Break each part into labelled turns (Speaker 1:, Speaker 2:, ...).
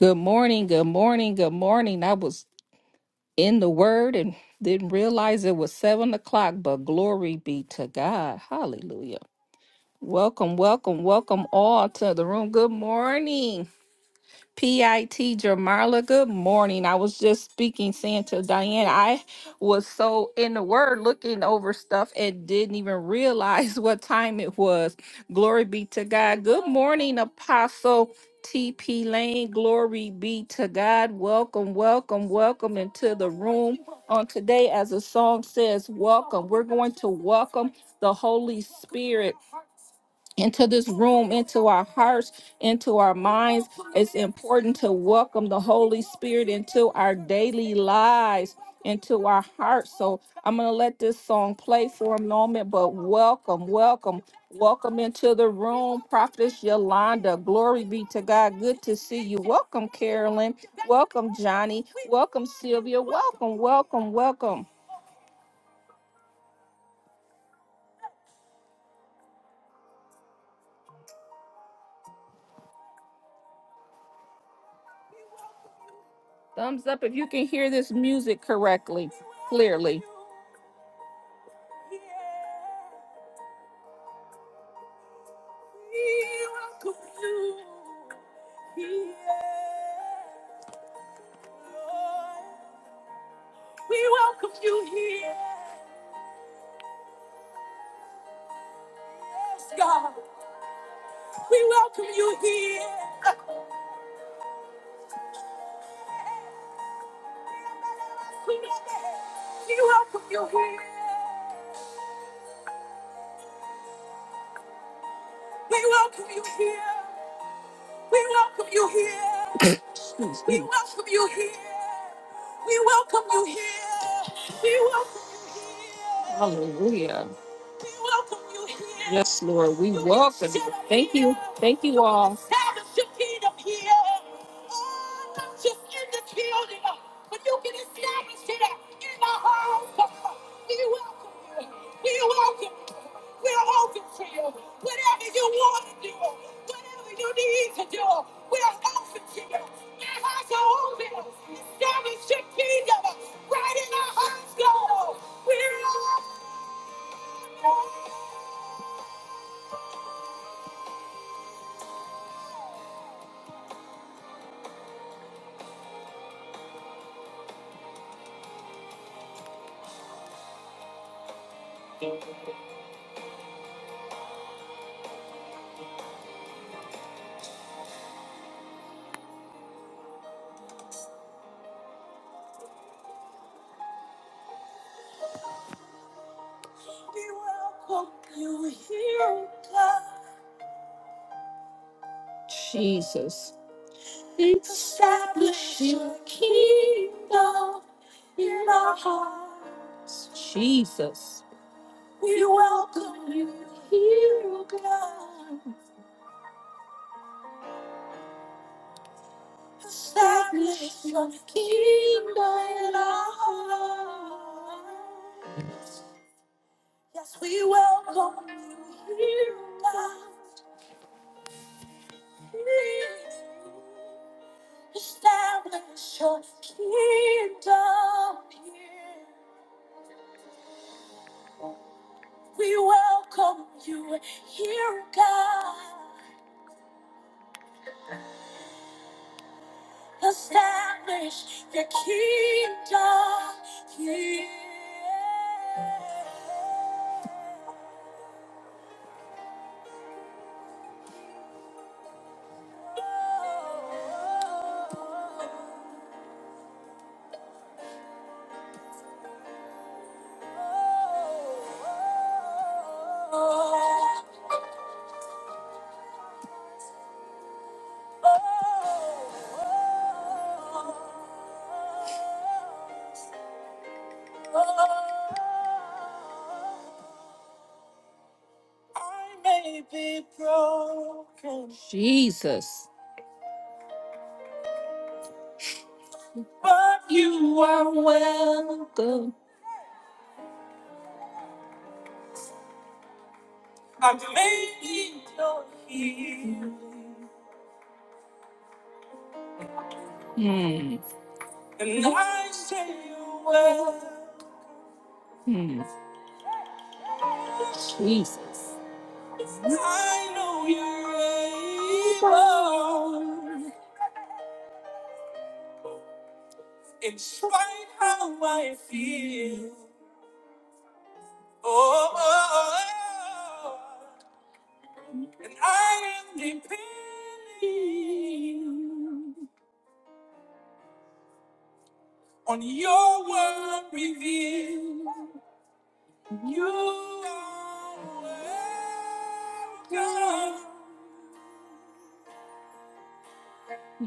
Speaker 1: Good morning, good morning, good morning. I was in the word and didn't realize it was seven o'clock, but glory be to God. Hallelujah. Welcome, welcome, welcome all to the room. Good morning. PIT Jamarla, good morning. I was just speaking, saying to Diane, I was so in the word looking over stuff and didn't even realize what time it was. Glory be to God. Good morning, Apostle TP Lane. Glory be to God. Welcome, welcome, welcome into the room on today. As the song says, welcome. We're going to welcome the Holy Spirit into this room, into our hearts, into our minds. It's important to welcome the Holy Spirit into our daily lives, into our hearts. So I'm going to let this song play for a moment, but welcome, welcome, welcome into the room, Prophetess Yolanda. Glory be to God. Good to see you. Welcome, Carolyn. Welcome, Johnny. Welcome, Sylvia. Welcome, welcome, welcome. Thumbs up if you can hear this music correctly, clearly. We welcome you here. We welcome you here. Yes, God. We welcome you here. We welcome you here. We welcome you here. We welcome you here. We welcome you here. We welcome you here. We welcome you here. Hallelujah. Yes, Lord, we welcome you. Thank you. Thank you all. welcome you here, God. Jesus. Establish your kingdom in our hearts. Jesus. We welcome you here, God. Establish your kingdom in our hearts. Yes, we welcome you here, God. Establish your kingdom here. We welcome you here, God. Establish your kingdom here. I may be broken. Jesus. But you are welcome. I need your healing. Hmm. And I say you're welcome. Hmm. Jesus. I know you're able. In spite how I feel. Oh, oh, oh, and I am depending on your word revealed. You are welcome.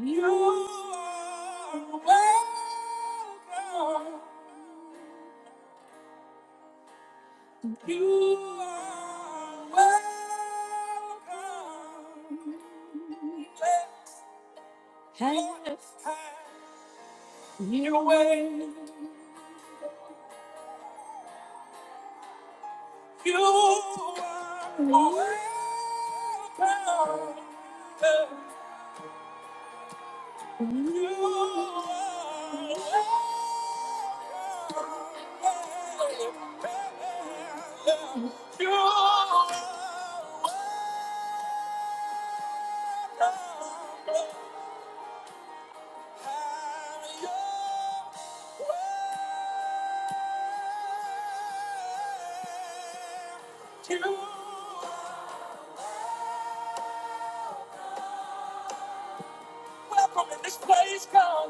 Speaker 1: You are welcome. You are welcome. You way, you are welcome. You are welcome. You are welcome. You are Welcome in this place, God.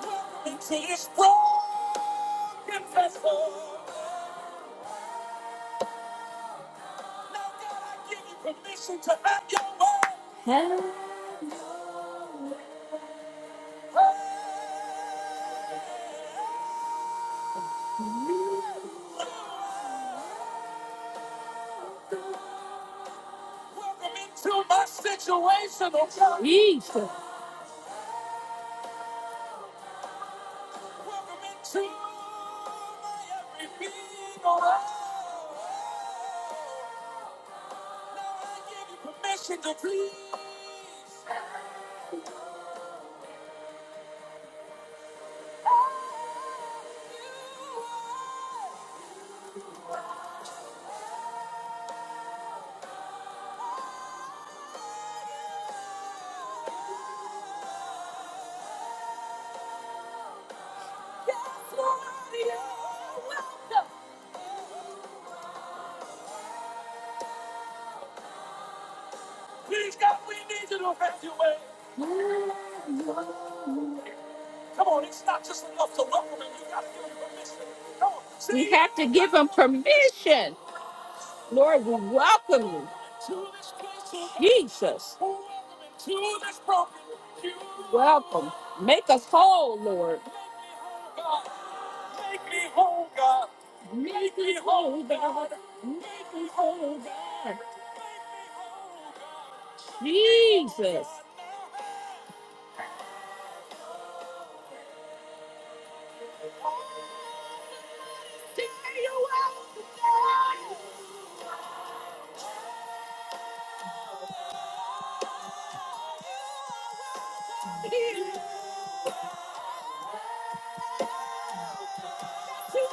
Speaker 1: Welcome into this broken vessel. Now, God, I give you permission to have your way. Have your way. Welcome into my situation, oh God. Jesus. Welcome into my everything, oh God. Now I give you permission to please. Yes, Lord, you're welcome. He's got we need to rescue way. Come on, it's not just enough to welcome him. You got to give him permission. Come on, see? You have to give him permission. Lord, we welcome you. Jesus. Welcome. Make us whole, Lord. Make me whole, God. Make me whole, God. Jesus. Yes,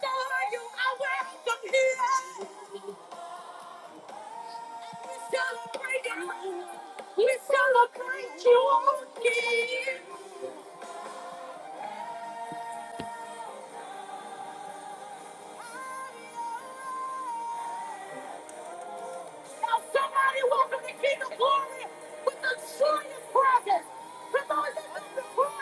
Speaker 1: Lord, you are welcome here. We celebrate you. We celebrate you, O King. Be the glory with the joy of presence. Come on, the praise.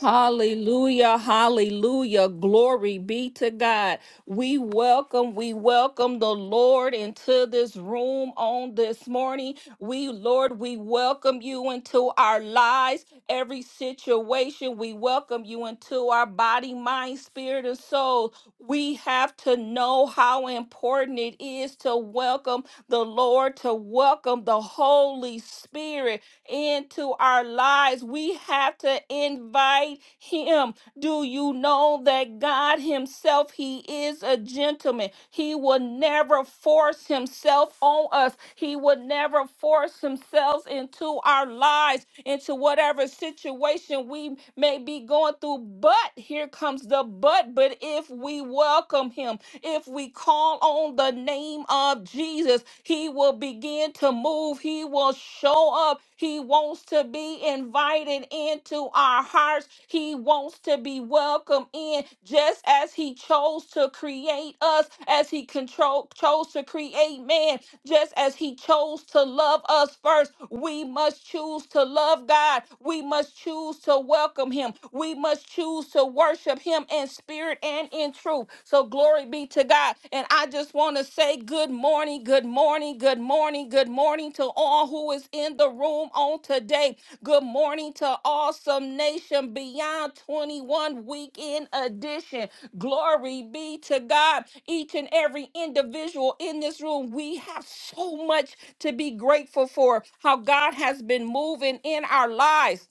Speaker 1: Hallelujah, hallelujah. Glory be to God. We welcome, we welcome the Lord into this room on this morning. We, Lord, we welcome you into our lives, every situation. We welcome you into our body, mind, spirit, and soul. We have to know how important it is to welcome the Lord, to welcome the Holy Spirit into our lives. We have to invite him. Do you know that God himself, he is a gentleman. He will never force himself on us. He will never force himself into our lives, into whatever situation we may be going through. But here comes the but. But if we welcome him, if we call on the name of Jesus, he will begin to move. He will show up. He wants to be invited into our hearts. He wants to be welcomed in, just as He chose to create us, as He control chose to create man, just as He chose to love us first. We must choose to love God. We must choose to welcome Him. We must choose to worship Him in spirit and in truth. So so glory be to God. And I just want to say good morning, good morning, good morning, good morning to all who is in the room on today. Good morning to Awesome Nation Beyond 21 Weekend Edition. Glory be to God. Each and every individual in this room, we have so much to be grateful for how God has been moving in our lives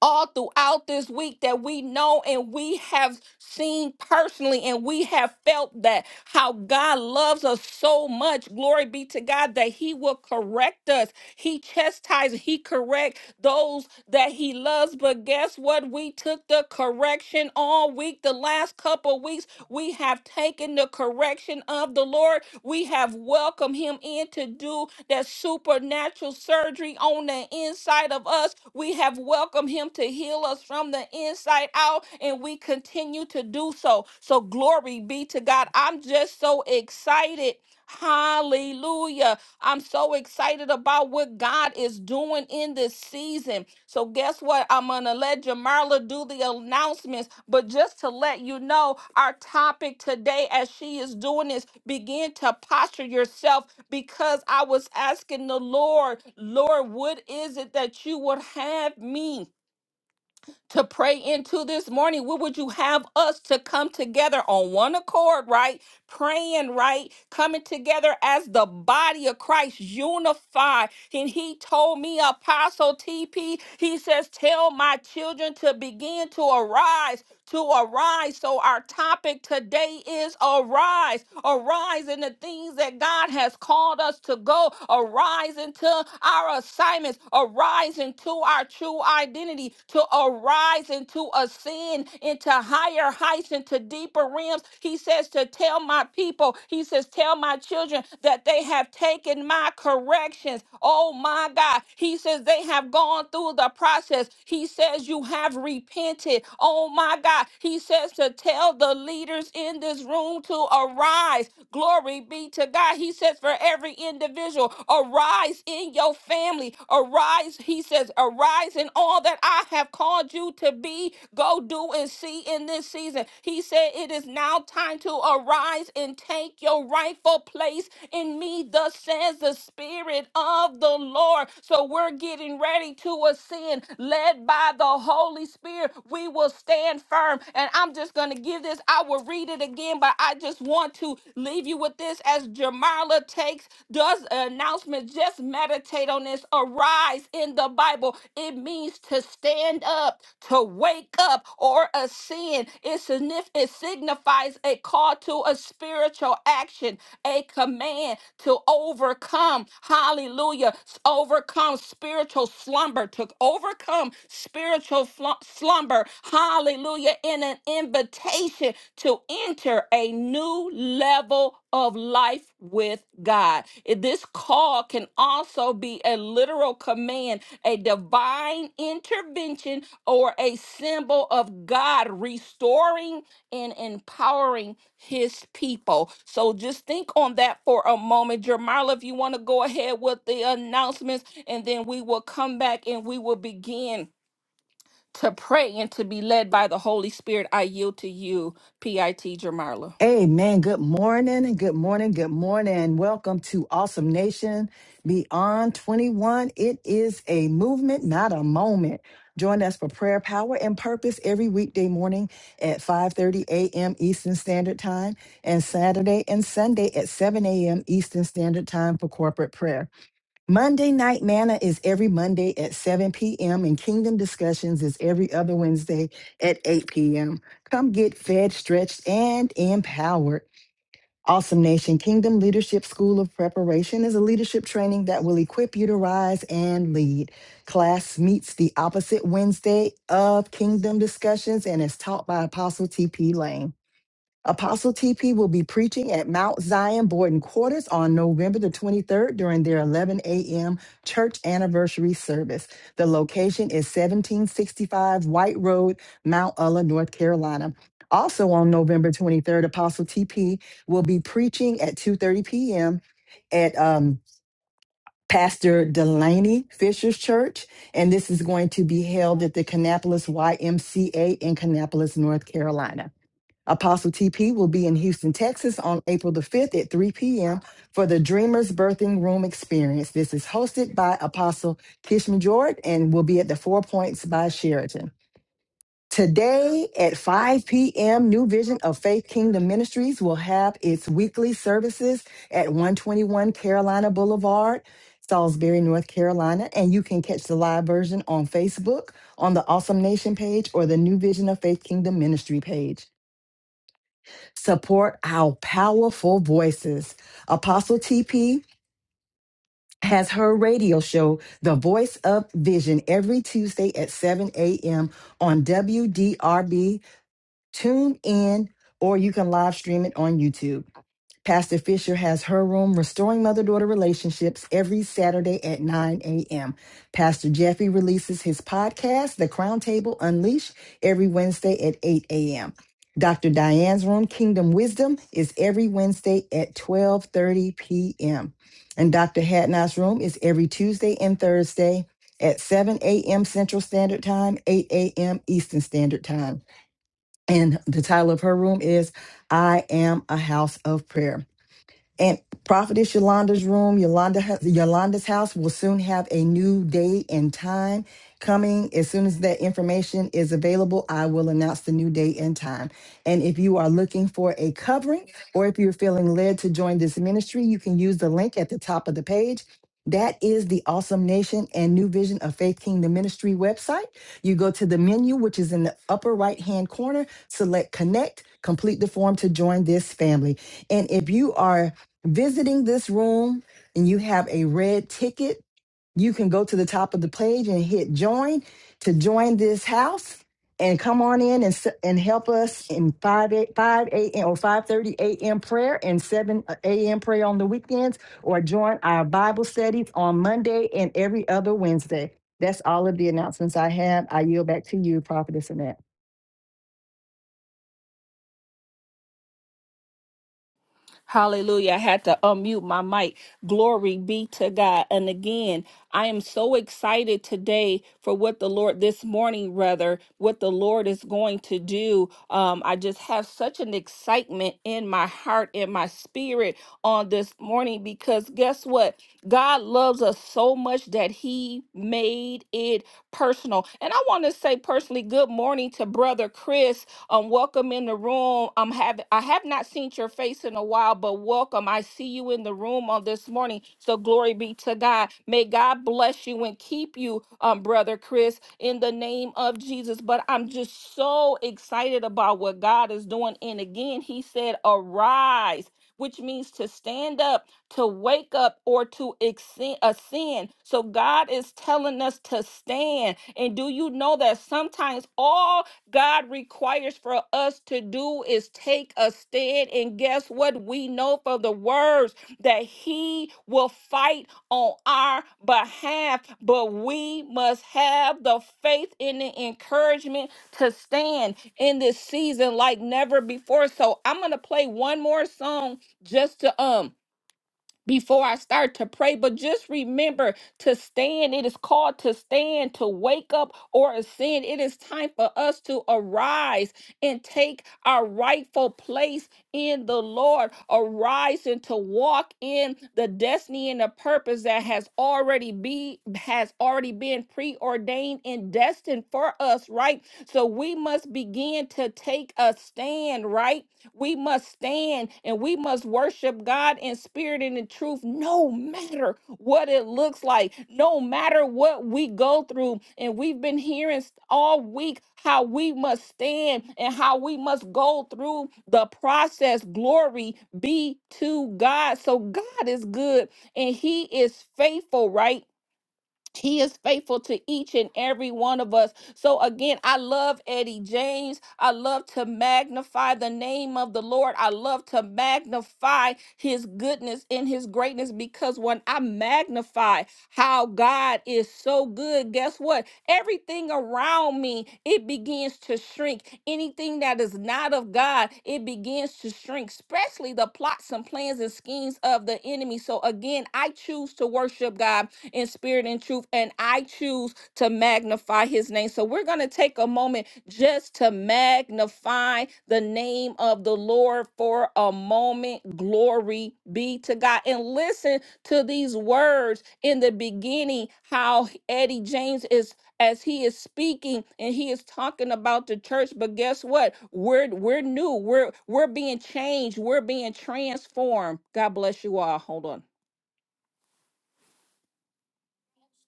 Speaker 1: all throughout this week that we know and we have seen personally and we have felt that how God loves us so much glory be to God that he will correct us he chastises he corrects those that he loves but guess what we took the correction all week the last last couple of weeks, we have taken the correction of the Lord. We have welcomed him in to do that supernatural surgery on the inside of us. We have welcomed him to heal us from the inside out, and we continue to do so. So, glory be to God. I'm just so excited Hallelujah. I'm so excited about what God is doing in this season. So, guess what? I'm going to let Jamarla do the announcements. But just to let you know, our topic today, as she is doing this, begin to posture yourself because I was asking the Lord, Lord, what is it that you would have me? to pray into this morning. What would you have us to come together on one accord, right? Praying, right? Coming together as the body of Christ, unified and he told me, Apostle TP, he says, Tell my children to begin to arise, to arise. So our topic today is arise, arise in the things that God has called us to go, arise into our assignments, arise into our true identity, to arise and to ascend into higher heights, into deeper realms. He says to tell Tell my people, he says, tell my children that they have taken my corrections. Oh my God. He says, they have gone through the process. He says, you have repented. Oh my God. He says to tell the leaders in this room to arise. Glory be to God. He says, for every individual, arise in your family. Arise, he says, arise in all that I have called you called you to be, go do and see in this season. He said, It is now time to arise and take your rightful place in me, thus says the Spirit of the Lord. So we're getting ready to ascend, led by the Holy Spirit. We will stand firm. And I'm just going to give this, I will read it again, but I just want to leave you with this as Jamala takes, does announcements announcement. Just meditate on this. Arise in the Bible. It means to stand up, to wake up, or ascend. It, signif- it signifies a call to a spiritual action, a command to overcome. Hallelujah. S- Overcome spiritual slumber, to overcome spiritual flum- slumber. Hallelujah. In an invitation to enter a new level of life with God. It- This call can also be a literal command, a divine intervention, or a symbol of God restoring and empowering his people. So just think on that for a moment. Jermarla, if you want to go ahead with the announcements, and then we will come back and we will begin to pray and to be led by the Holy Spirit. I yield to you, PIT Jermarla.
Speaker 2: Amen. Good morning and good morning. Good morning. Welcome to Awesome Nation Beyond 21. It is a movement, not a moment. Join us for prayer, power, and purpose every weekday morning at 5:30 a.m. Eastern Standard Time and Saturday and Sunday at 7 a.m. Eastern Standard Time for corporate prayer. Monday Night Manna is every Monday at 7 p.m. and Kingdom Discussions is every other Wednesday at 8 p.m. Come get fed, stretched, and empowered. Awesome Nation Kingdom Leadership School of Preparation is a leadership training that will equip you to rise and lead. Class meets the opposite Wednesday of Kingdom Discussions and is taught by Apostle T.P. Lane. Apostle TP will be preaching at Mount Zion Boarding Quarters on November the 23rd during their 11 a.m. church anniversary service. The location is 1765 White Road, Mount Ulla, North Carolina. Also on November 23rd, Apostle TP will be preaching at 2:30 p.m. at um, Pastor Delaney Fisher's Church, and this is going to be held at the Kannapolis YMCA in Kannapolis, North Carolina. Apostle TP will be in Houston, Texas on April the 5th at 3 p.m. for the Dreamers Birthing Room Experience. This is hosted by Apostle Kishma Jordan and will be at the Four Points by Sheraton. Today at 5 p.m., New Vision of Faith Kingdom Ministries will have its weekly services at 121 Carolina Boulevard, Salisbury, North Carolina. And you can catch the live version on Facebook on the Awesome Nation page or the New Vision of Faith Kingdom Ministry page support our powerful voices. Apostle TP has her radio show, The Voice of Vision, every Tuesday at 7 a.m. on WDRB. Tune in, or you can live stream it on YouTube. Pastor Fisher has her room, Restoring Mother Daughter Relationships, every Saturday at 9 a.m. Pastor Jeffy releases his podcast, The Crown Table Unleashed, every Wednesday at 8 a.m. Dr. Diane's room, Kingdom Wisdom, is every Wednesday at 12:30 p.m. And Dr. Hadnot's room is every Tuesday and Thursday at 7 a.m. Central Standard Time, 8 a.m. Eastern Standard Time. And the title of her room is I Am a House of Prayer. And Prophetess Yolanda's room, Yolanda, ha- Yolanda's house will soon have a new day and time coming. As soon as that information is available, I will announce the new day and time. And if you are looking for a covering or if you're feeling led to join this ministry, you can use the link at the top of the page. That is the Awesome Nation and New Vision of Faith Kingdom Ministry website. You go to the menu, which is in the upper right hand corner, select connect, complete the form to join this family. And if you are visiting this room and you have a red ticket, you can go to the top of the page and hit join to join this house and come on in and s- and help us in 5 a, 5 a.m. or 5:30 a.m. prayer and 7 a.m. prayer on the weekends or join our Bible studies on Monday and every other Wednesday. That's all of the announcements I have. I yield back to you, Prophetess Annette.
Speaker 1: Hallelujah. I had to unmute my mic. Glory be to God. And again, I am so excited today for what the Lord, this morning rather, what the Lord is going to do. Um, I just have such an excitement in my heart and my spirit on this morning because guess what? God loves us so much that He made it personal. And I want to say personally, good morning to Brother Chris um, welcome in the room. Um, have I have not seen your face in a while, but welcome. I see you in the room on this morning. So glory be to God. May God bless you and keep you, um, brother Chris, in the name of Jesus. But I'm just so excited about what God is doing. And again, He said, "Arise." Which means to stand up, to wake up, or to exen- ascend. So God is telling us to stand. And do you know that sometimes all God requires for us to do is take a stand. And guess what? We know from the words that He will fight on our behalf, but we must have the faith and the encouragement to stand in this season like never before. So I'm going to play one more song just to um before I start to pray, but just remember to stand. It is called to stand, to wake up or ascend. It is time for us to arise and take our rightful place in the Lord, arise and to walk in the destiny and the purpose that has already be has already been preordained and destined for us, right? So we must begin to take a stand, right? We must stand and we must worship God in spirit and in truth, no matter what it looks like, no matter what we go through. And we've been hearing s- all week how we must stand and how we must go through the process. Glory be to God. So God is good and He is faithful, right? He is faithful to each and every one of us. So again, I love Eddie James. I love to magnify the name of the Lord. I love to magnify his goodness and his greatness because when I magnify how God is so good, guess what? Everything around me, it begins to shrink. Anything that is not of God, it begins to shrink, especially the plots and plans and schemes of the enemy. So again, I choose to worship God in spirit and truth, and I choose to magnify his name. So we're going to take a moment just to magnify the name of the Lord for a moment. Glory be to God. And listen to these words in the beginning how Eddie James is as he is speaking and he is talking about the church but guess what we're we're new we're we're being changed we're being transformed god bless you all hold on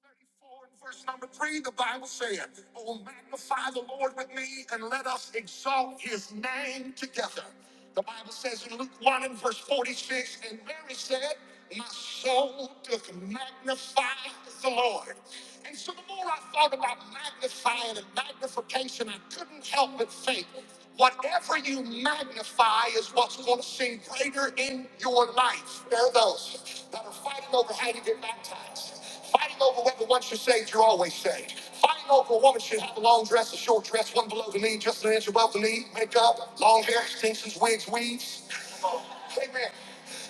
Speaker 1: 34 and verse number 3, the Bible said, Oh, magnify the Lord with me and let us exalt his name together. The Bible says in Luke 1 and verse 46, and Mary said, My soul doth magnify the Lord. And so the more I thought about magnifying and magnification, I couldn't help but think, whatever you magnify is what's going to seem greater in your life. There are those that are fighting over how you get baptized Fighting over whether once you're saved, you're always saved. Fighting over a woman should have a long dress, a short dress, one below the knee, just an inch above the knee, makeup, long hair, extensions, wigs, weaves. Amen.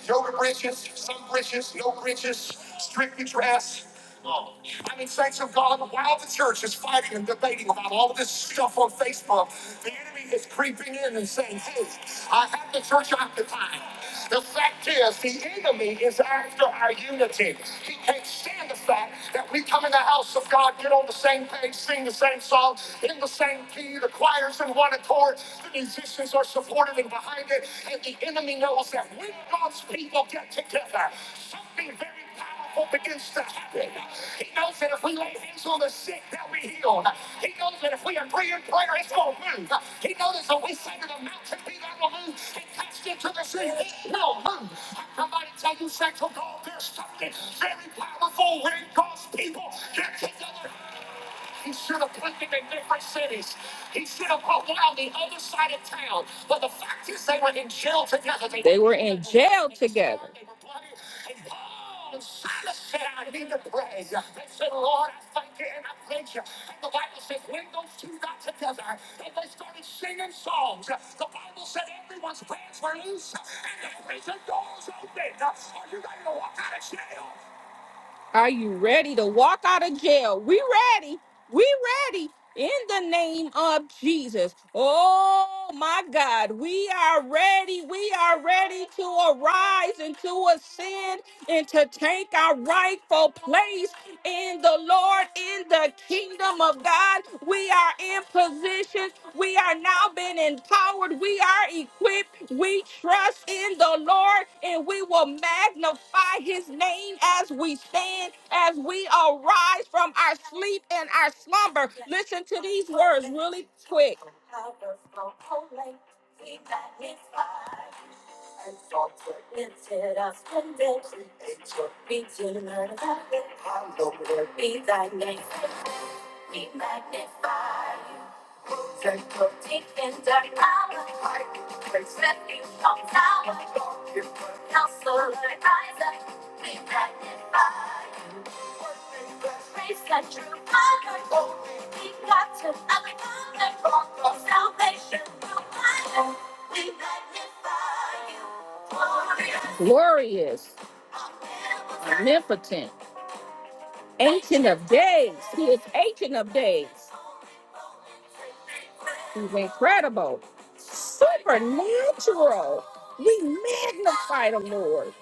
Speaker 1: Yoga britches, some britches, no britches, strictly dress. I mean, saints of God, while the church is fighting and debating about all of this stuff on Facebook, the enemy is creeping in and saying, hey, I have the church occupied. The fact is, the enemy is after our unity. He can't stand the fact that we come in the house of God, get on the same page, sing the same song, in the same key, the choir's in one accord, the musicians are supportive and behind it, and the enemy knows that when God's people get together, something very Powerful begins to happen. He knows that if we lay hands on the sick, they'll be healed. He knows that if we agree in prayer, it's going to move. He knows that we say to the mountain, be thou removed, and cast into the sea, it will move. I come by to tell you, saints of God, there's something very powerful when God's people get together. He should have taken the different cities. He should have put one on the other side of town. But the fact is, they were in jail together. They, they were in jail together. They were bloody. And Paul and Silas said, I need to pray. They said, Lord, I thank you and I thank you. And the Bible says, when those two got together and they started singing songs, the Bible said everyone's bands were loose and the prison doors opened. Are you ready to walk out of jail? Are you ready to walk out of jail? We ready. We ready in the name of Jesus. Oh my God, we are ready. We are ready to arise and to ascend and to take our rightful place in the Lord, in the kingdom of God. We are in position. We are now being empowered. We are equipped. We trust in the Lord and we will magnify his name as we stand, as we arise from our sleep and our slumber. Listen to these words really quick. And thoughts were lifted up and built. Be delivered. Be thy name. We magnify you. Take your deep and dirty power. Praise refuge on tower. Counselor advisor. We magnify you. Praise and true honor. We got to other honor. Of salvation We magnify you. Glorious. Glorious. Omnipotent. Ancient of days. He is ancient of days. He's incredible, supernatural. We magnify the Lord.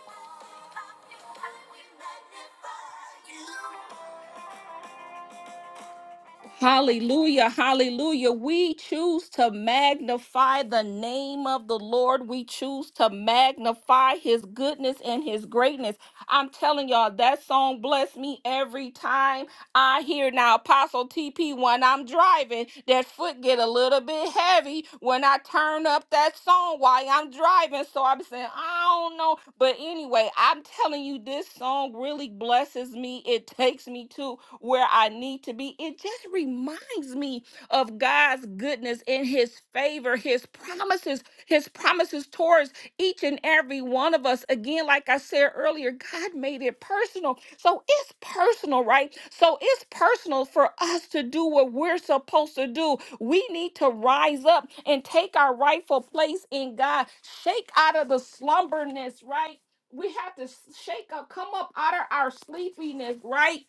Speaker 1: Hallelujah, hallelujah. We choose to magnify the name of the Lord. We choose to magnify his goodness and his greatness. I'm telling y'all, that song blessed me every time. I hear now Apostle TP when I'm driving, that foot get a little bit heavy when I turn up that song while I'm driving. So I'm saying, I don't know. But anyway, I'm telling you, this song really blesses me. It takes me to where I need to be. It just reminds me of God's goodness and his favor, his promises, his promises towards each and every one of us. Again, like I said earlier, God made it personal. So it's personal, right? So it's personal for us to do what we're supposed to do. We need to rise up and take our rightful place in God, shake out of the slumberness, right? We have to shake up, come up out of our sleepiness, right?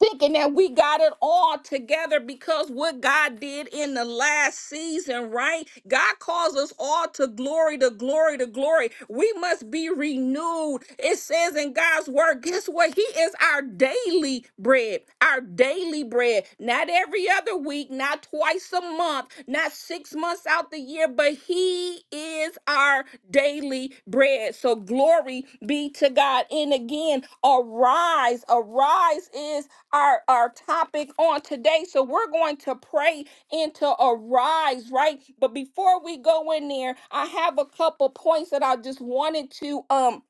Speaker 1: thinking that we got it all together because what God did in the last season, right? God calls us all to glory, to glory, to glory. We must be renewed. It says in God's word, guess what? He is our daily bread, our daily bread. Not every other week, not twice a month, not six months out the year, but He is our daily bread. So glory be to God. And again, arise. Arise is our our topic on today so we're going to pray into arise right but before we go in there i have a couple points that i just wanted to um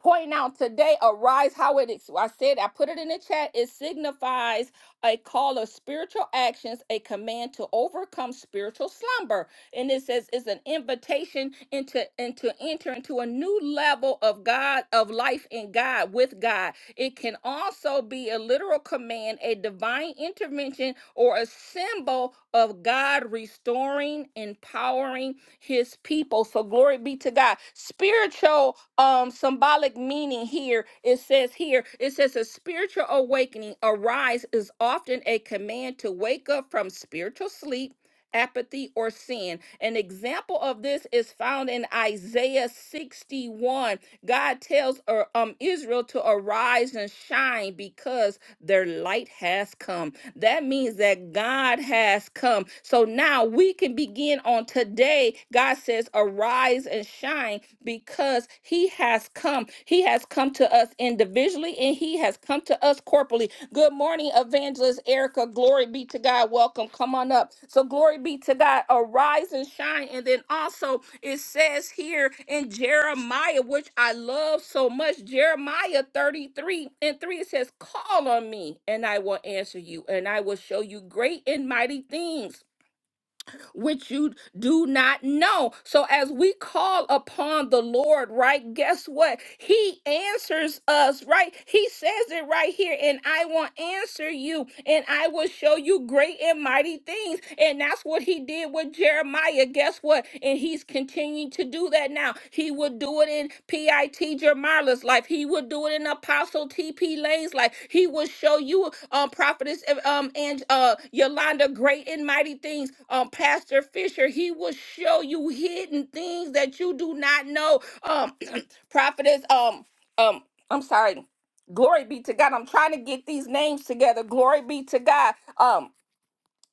Speaker 1: point out today arise how it is i said i put it in the chat it signifies a call of spiritual actions a command to overcome spiritual slumber and it says it's an invitation into and to enter into a new level of God of life in God with God. It can also be a literal command, a divine intervention, or a symbol of God restoring, empowering His people. So glory be to God. Spiritual um symbolic meaning here it says here it says a spiritual awakening arise is often a command to wake up from spiritual sleep apathy, or sin. An example of this is found in Isaiah 61. God tells uh, um, Israel to arise and shine because their light has come. That means that God has come. So now we can begin on today. God says, Arise and shine because He has come. He has come come to us individually and he has come to us corporately. Good morning, Evangelist Erica. Glory be to God. Welcome. Come on up. So, glory be to God. Arise and shine. And then also, it says here in Jeremiah, which I love so much, Jeremiah 33 and 3, it says, Call on me, and I will answer you, and I will show you great and mighty things which you do not know. So as we call upon the Lord, right? Guess what? He answers us, right? He says it right here, and I will answer you, and I will show you great and mighty things. And that's what he did with Jeremiah. Guess what? And he's continuing to do do that now. He would do it in P.I.T. Jermala's life. He would do it in Apostle T.P. Lane's life. He would show you, um, Prophetess uh, um, and uh, Yolanda, great and mighty things. Um, Pastor Fisher, he will show you hidden things that you do not know. Um, Prophetess, um, um, I'm sorry. Glory be to God. I'm trying to get these names together. Glory be to God. Um,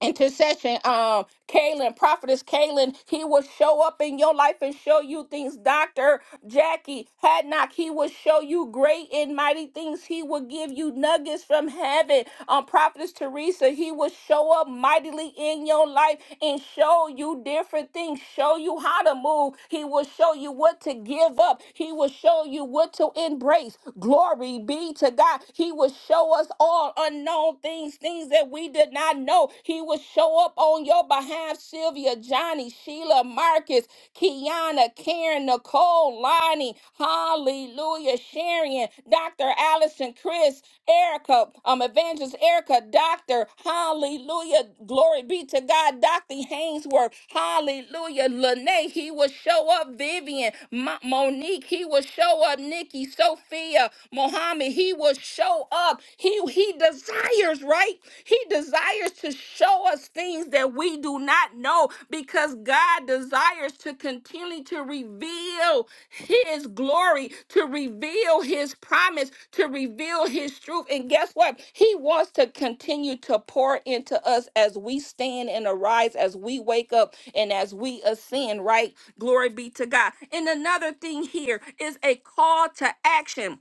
Speaker 1: intercession, um, Kaylin, prophetess Kaylin, he will show up in your life and show you things. Dr. Jackie Hadnock, he will show you great and mighty things. He will give you nuggets from heaven. Um, prophetess Teresa, he will show up mightily in your life and show you different things, show you how to move. He will show you what to give up. He will show you what to embrace. Glory be to God. He will show us all unknown things things, things that we did not know. He will show up on your behalf, Sylvia, Johnny, Sheila, Marcus, Kiana, Karen, Nicole, Lonnie, Hallelujah, Sharon, Dr. Allison, Chris, Erica, um, Evangelist Erica, Doctor, Hallelujah, glory be to God, Dr. Hainsworth, Hallelujah, Lene, he will show up, Vivian, Mo- Monique, he will show up, Nikki, Sophia, Mohammed, he will show up up. He he desires, right? He desires to show us things that we do not know because God desires to continually to reveal his glory, to reveal his promise, to reveal his truth. And guess what? He wants to continue to pour into us as we stand and arise, as we wake up and as we ascend, right? Glory be to God. And another thing here is a call to action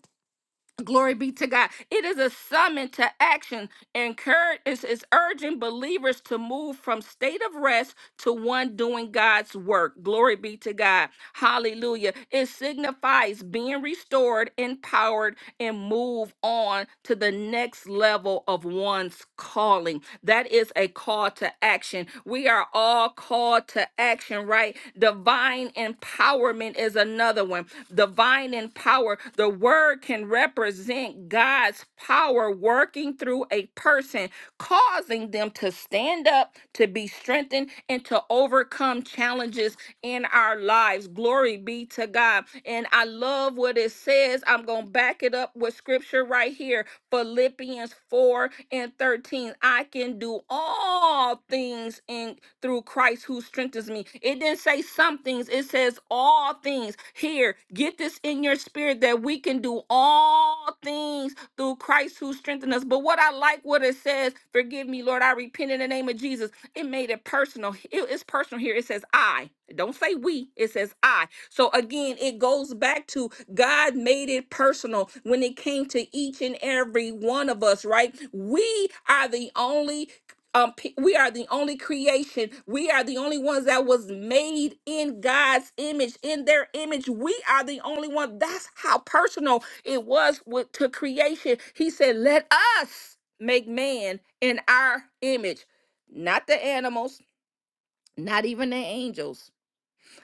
Speaker 1: Glory be to God. It is a summon to action. Encourage is, is urging believers to move from state of rest to one doing God's work. Glory be to God. Hallelujah. It signifies being restored, empowered, and move on to the next level of one's calling. That is a call to action. We are are all called to action, right? Divine empowerment is another one. Divine in power, the word can represent God's power working through a person, causing them to stand up, to be strengthened, and to overcome challenges in our lives. Glory be to God. And I love what it says. I'm. I'm going to back it up with scripture right here Philippians 4 and 13. I can do all things in through Christ who strengthens me. It didn't say some things, it says all things. Here, get this in your spirit that we can do all things through Christ who strengthens us. But what I like what it says, forgive me, Lord, I repent in the name of Jesus. It made it personal. it's personal here. It says I. It Don't say we. It says I. So again, it goes back to God made it personal when it came to each and every one of us, right? We are the only um, pe- we are the only creation. We are the only ones that was made in God's image, in their image. We are the only one. That's how personal it was with, to creation. He said, "Let us make man in our image, not the animals, not even the angels."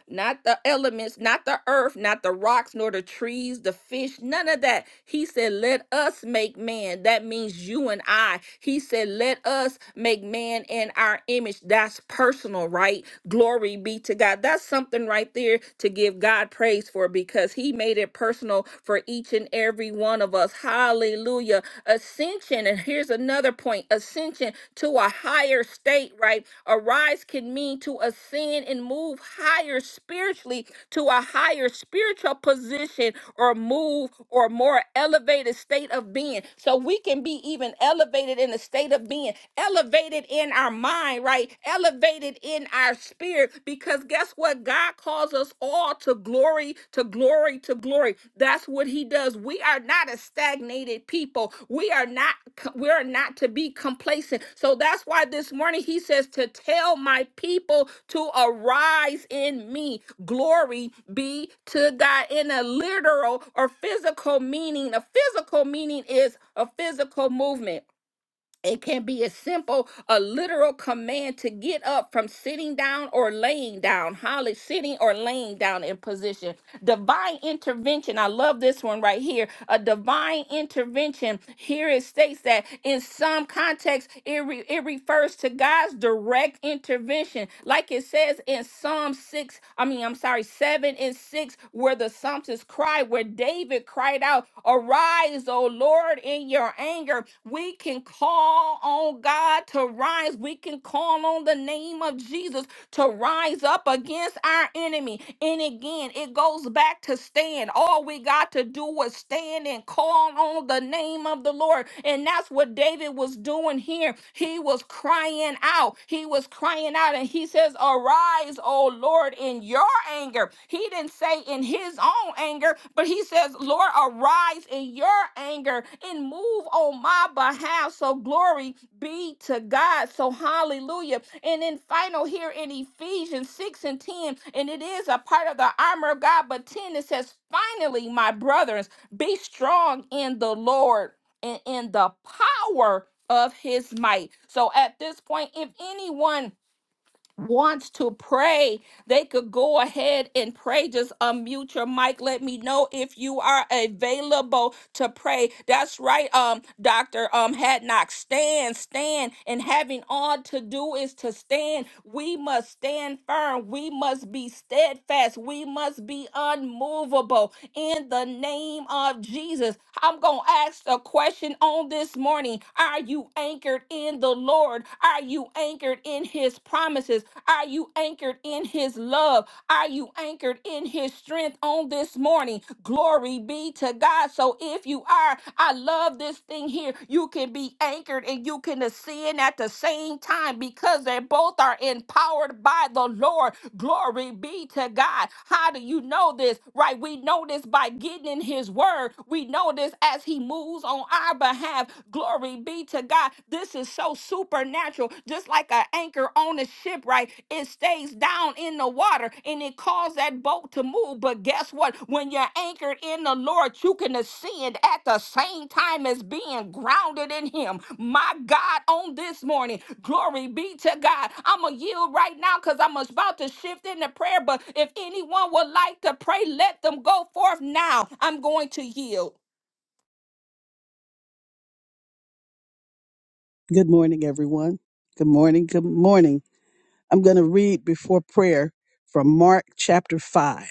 Speaker 1: not the elements, not the earth, not the rocks, nor the trees, the fish, none of that. He said, Let us make man. That means you and I. He said, Let us make man in our image. That's personal, right? Glory be to God. That's something right there to give God praise for because He made it personal for each and every one of us. Hallelujah. Ascension ascension. And here's another point ascension to a higher state, right? Arise can mean to ascend and move higher spiritually to a higher spiritual position or move or more elevated state of being. So we can be even elevated in the state of being, elevated in our mind, right? Elevated in our spirit, because guess what? God calls calls us all to glory, to glory, to glory. That's what he does. We are not a stagnated people. We are not we are not to be complacent. So that's why this morning he says to tell my people to arise in me. Glory be to God in a literal or physical meaning. A physical meaning is a physical movement it can be as simple a literal command to get up from sitting down or laying down. Holly, sitting or laying down in position. Divine intervention. I love this one right here. A divine intervention. Here it states that in some contexts, it, re- it refers to God's direct intervention. Like it says in Psalm 6, I mean, I'm sorry, 7 and 6, where the psalmist cried, where David cried out, Arise, O Lord, in your anger. We can call on God to rise. We can call on the name of Jesus to rise up against our enemy. And again, it goes back to stand. All we got to do is stand and call on the name of the Lord. And that's what David was doing here. He was crying out. He was crying out. And he says, Arise, O Lord, in your anger he didn't say in his own anger, but he says, Lord, arise in your anger and move on my behalf. So glory be to God. So hallelujah. And then final here in Ephesians 6 and 10, and it is a part of the armor of God, but 10 it says, finally, my brothers, be strong in the Lord and in the power of his might. So at this point, if anyone wants to pray, they could go ahead and pray. Just unmute your mic. Let me know if you are available to pray. That's right, um, Dr. Um Hadnock. Stand, stand, and having all to do is to stand. We must stand firm. We must be steadfast. We must be unmovable in the name of Jesus. I'm gonna ask a question on this morning. Are you anchored in the Lord? Lord? Are you anchored in his promises? Are you anchored in his love? Are you anchored in his strength on this morning? Glory be to God. So if you are, I love this thing here. You can be anchored and you can ascend at the same time because they both are empowered by the Lord. Glory be to God. How do you know this? Right? We know this by getting in his word. We know this as he moves on our behalf. Glory be to God. This is so supernatural. Just like an anchor on a ship, right? It stays down in the water and it caused that boat to move. But guess what? When you're anchored in the Lord, you can ascend at the same time as being grounded in Him. My God, on this morning, glory be to God. I'm going to yield right now because I'm about to shift into prayer. But if anyone would like to pray, let them go forth now. I'm going to yield.
Speaker 3: Good morning, everyone. Good morning. Good morning. I'm going to read before prayer from Mark chapter 5,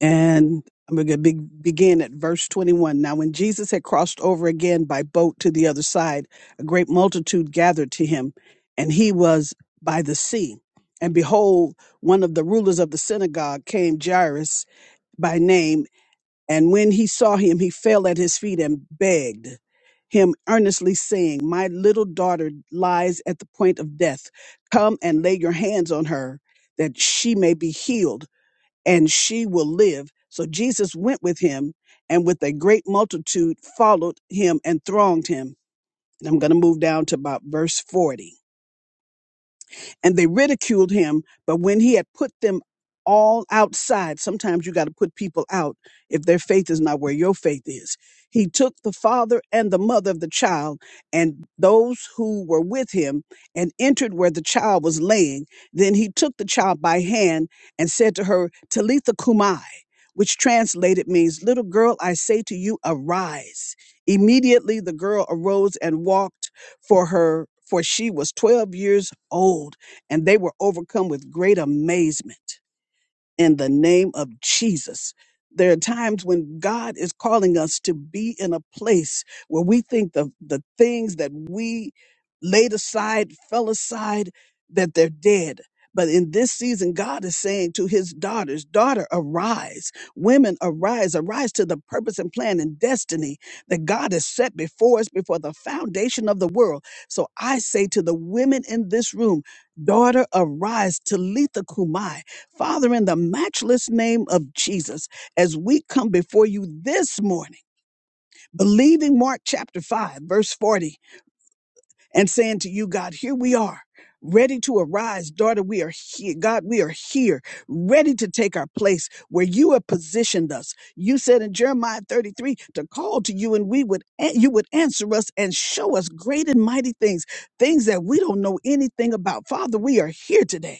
Speaker 3: and I'm going to be- begin at verse 21. Now, when Jesus had crossed over again by boat to the other side, a great multitude gathered to him, and he was by the sea. And behold, one of the rulers of the synagogue came, Jairus by name, and when he saw him, he fell at his feet and begged him earnestly, saying, My little daughter lies at the point of death. Come and lay your hands on her, that she may be healed, and she will live. So Jesus went with him, and with a great multitude followed him and thronged him. And I'm going to move down to about verse 40 and they ridiculed him. But when he had put them all outside, sometimes you got to put people out if their faith is not where your faith is. He took the father and the mother of the child and those who were with him and entered where the child was laying. Then he took the child by hand and said to her, Talitha Kumai, which translated means, Little girl, I say to you, arise. Immediately the girl arose and walked for her, for she was 12 years old and they were overcome with great amazement in the name of Jesus. There are times when God is calling us to be in a place where we think the, the things that we laid aside, fell aside, that they're dead. But in this season, God is saying to his daughters, daughter, arise. Women, arise. Arise to the purpose and plan and destiny that God has set before us before the foundation of the world. So I say to the women in this room, daughter, arise. Talitha Kumai Father, in the matchless name of Jesus, as we come before you this morning, believing Mark chapter 5, verse 40, and saying to you, God, here we are. Ready to arise, daughter, we are here. God, we are here, ready to take our place where you have positioned us. You said in Jeremiah 33 to call to you and we would you would answer us and show us great and mighty things, things that we don't know anything about. Father, we are here today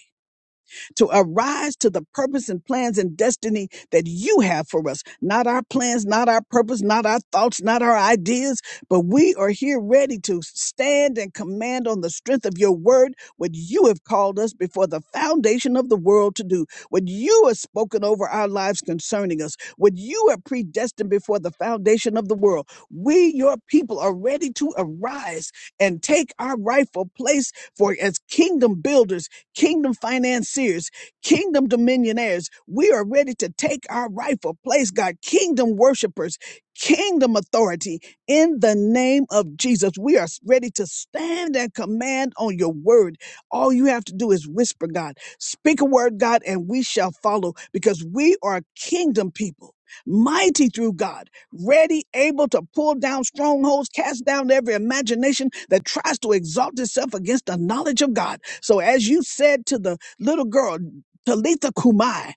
Speaker 3: to arise to the purpose and plans and destiny that you have for us. Not our plans, not our purpose, not our thoughts, not our ideas, but we are here ready to stand and command on the strength of your word what you have called us before the foundation of the world to do, what you have spoken over our lives concerning us, what you have predestined before the foundation of the world. We, your people, are ready to arise and take our rightful place for as kingdom builders kingdom financiers, kingdom dominionaires. We are ready to take our rightful place, God, kingdom worshipers, kingdom authority in the name of Jesus. We are ready to stand and command on your word. All you have to do is whisper, God, speak a word, God, and we shall follow because we are kingdom people. Mighty through God, ready, able to pull down strongholds, cast down every imagination that tries to exalt itself against the knowledge of God. So as you said to the little girl, Talitha Kumai,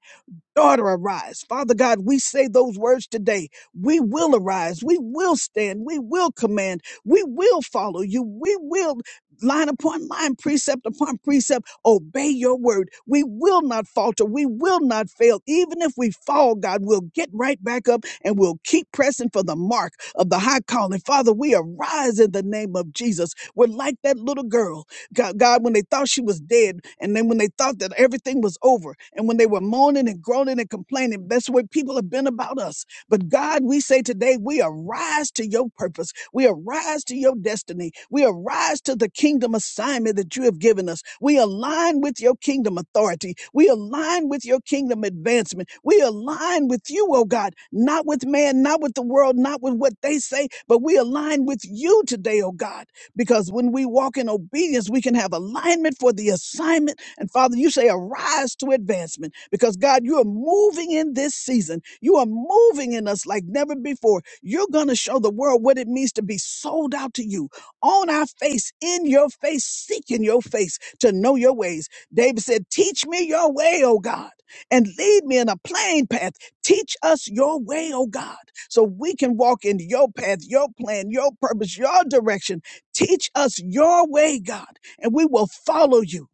Speaker 3: daughter, arise. Father God, we say those words today. We will arise. We will stand. We will command. We will follow you. We will line upon line, precept upon precept, obey your word. We will not falter. We will not fail. Even if we fall, God, we'll get right back up and we'll keep pressing for the mark of the high calling. Father, we arise in the name of Jesus. We're like that little girl God, God, when they thought she was dead, and then when they thought that everything was over, and when they were moaning and groaning and complaining, that's the way people have been about us. But God, we say today, we arise to your purpose. We arise to your destiny. We arise to the kingdom assignment that you have given us. We align with your kingdom authority. We align with your kingdom advancement. We align with you, oh God, not with man, not with the world, not with what they say, but we align with you today, oh God. Because when we walk in obedience, we can have alignment for the assignment. And Father, you say, arise to advancement. Because God, you are moving in this season. You are moving in us like never before. You're going to show the world what it means to be sold out to you on our face, in your face, seeking your face to know your ways. David said, Teach me your way, O God, and lead me in a plain path. Teach us your way, O God, so we can walk in your path, your plan, your purpose, your direction Teach us your way, God, and we will follow you.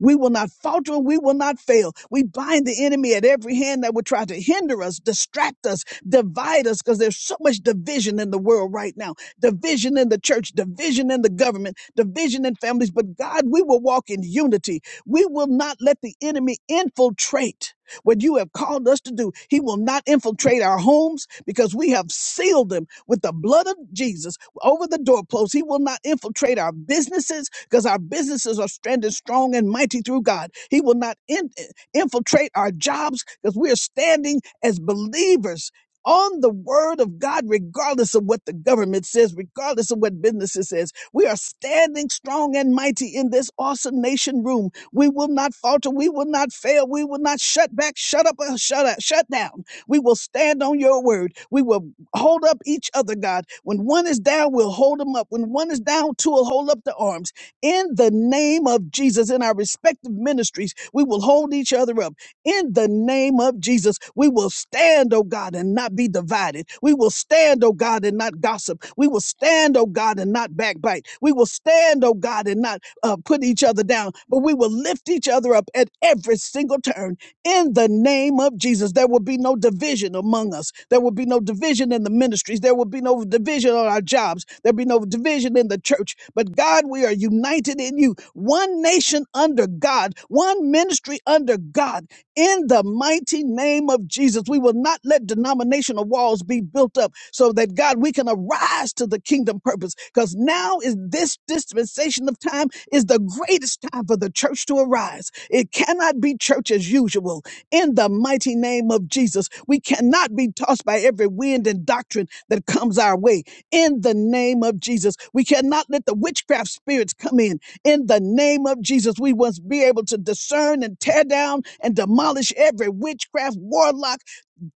Speaker 3: We will not falter. We will not fail. We bind the enemy at every hand that would try to hinder us, distract us, divide us, because there's so much division in the world right now division in the church, division in the government, division in families. But God, we will walk in unity. We will not let the enemy infiltrate what you have called us to do. He will not infiltrate our homes because we have sealed them with the blood of Jesus over the doorpost. He will not infiltrate our businesses because our businesses are stranded strong and mighty through God. He will not in- eh, infiltrate our jobs because we are standing as believers on the word of God, regardless of what the government says, regardless of what businesses says. We are standing strong and mighty in this awesome nation room. We will not falter. We will not fail. We will not shut back, shut up, or shut up, shut down. We will stand on your word. We will hold up each other, God. When one is down, we'll hold them up. When one is down, two will hold up the arms. In the name of Jesus, in our respective ministries, we will hold each other up. In the name of Jesus, we will stand, oh God, and not be divided. We will stand, oh God, and not gossip. We will stand, oh God, and not backbite. We will stand, oh God, and not uh, put each other down, but we will lift each other up at every single turn in the name of Jesus. There will be no division among us. There will be no division in the ministries. There will be no division on our jobs. There'll be no division in the church. But God, we are united in you. One nation under God, one ministry under God. In the mighty name of Jesus, we will not let denominational walls be built up so that God, we can arise to the kingdom purpose. Because now is this dispensation of time is the greatest time for the church to arise. It cannot be church as usual. In the mighty name of Jesus, we cannot be tossed by every wind and doctrine that comes our way. In the name of Jesus, we cannot let the witchcraft spirits come in. In the name of Jesus, we must be able to discern and tear down and demolish every witchcraft, warlock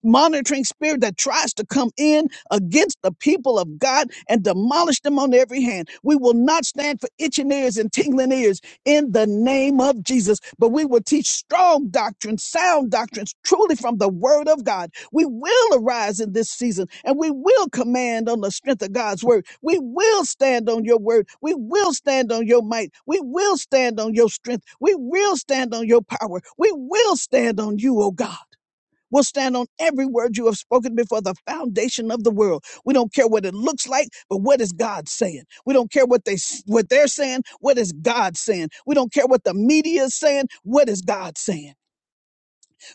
Speaker 3: monitoring spirit that tries to come in against the people of God and demolish them on every hand. We will not stand for itching ears and tingling ears in the name of Jesus, but we will teach strong doctrines, sound doctrines, truly from the word of God. We will arise in this season and we will command on the strength of God's word. We will stand on your word. We will stand on your might. We will stand on your strength. We will stand on your power. We will stand on you, oh God. We'll stand on every word you have spoken before the foundation of the world. We don't care what it looks like, but what is God saying? We don't care what they what they're saying. What is God saying? We don't care what the media is saying. What is God saying?